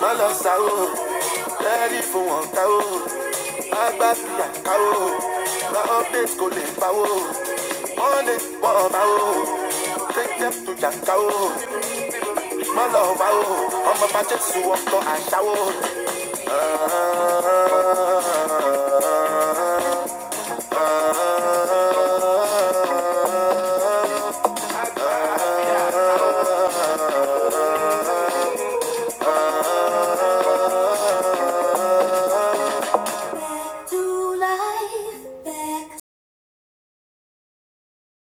Speaker 1: my lọ sá o lẹ́rí fún wọn ká o má gbá fìyà ká o má update kò lè pa o wọ́n lè pọ̀ ọba o take them to jàǹkà o má lọ wá o ọmọ bá jésù ọkọ àṣà o. Ah, ah, ah, ah, ah.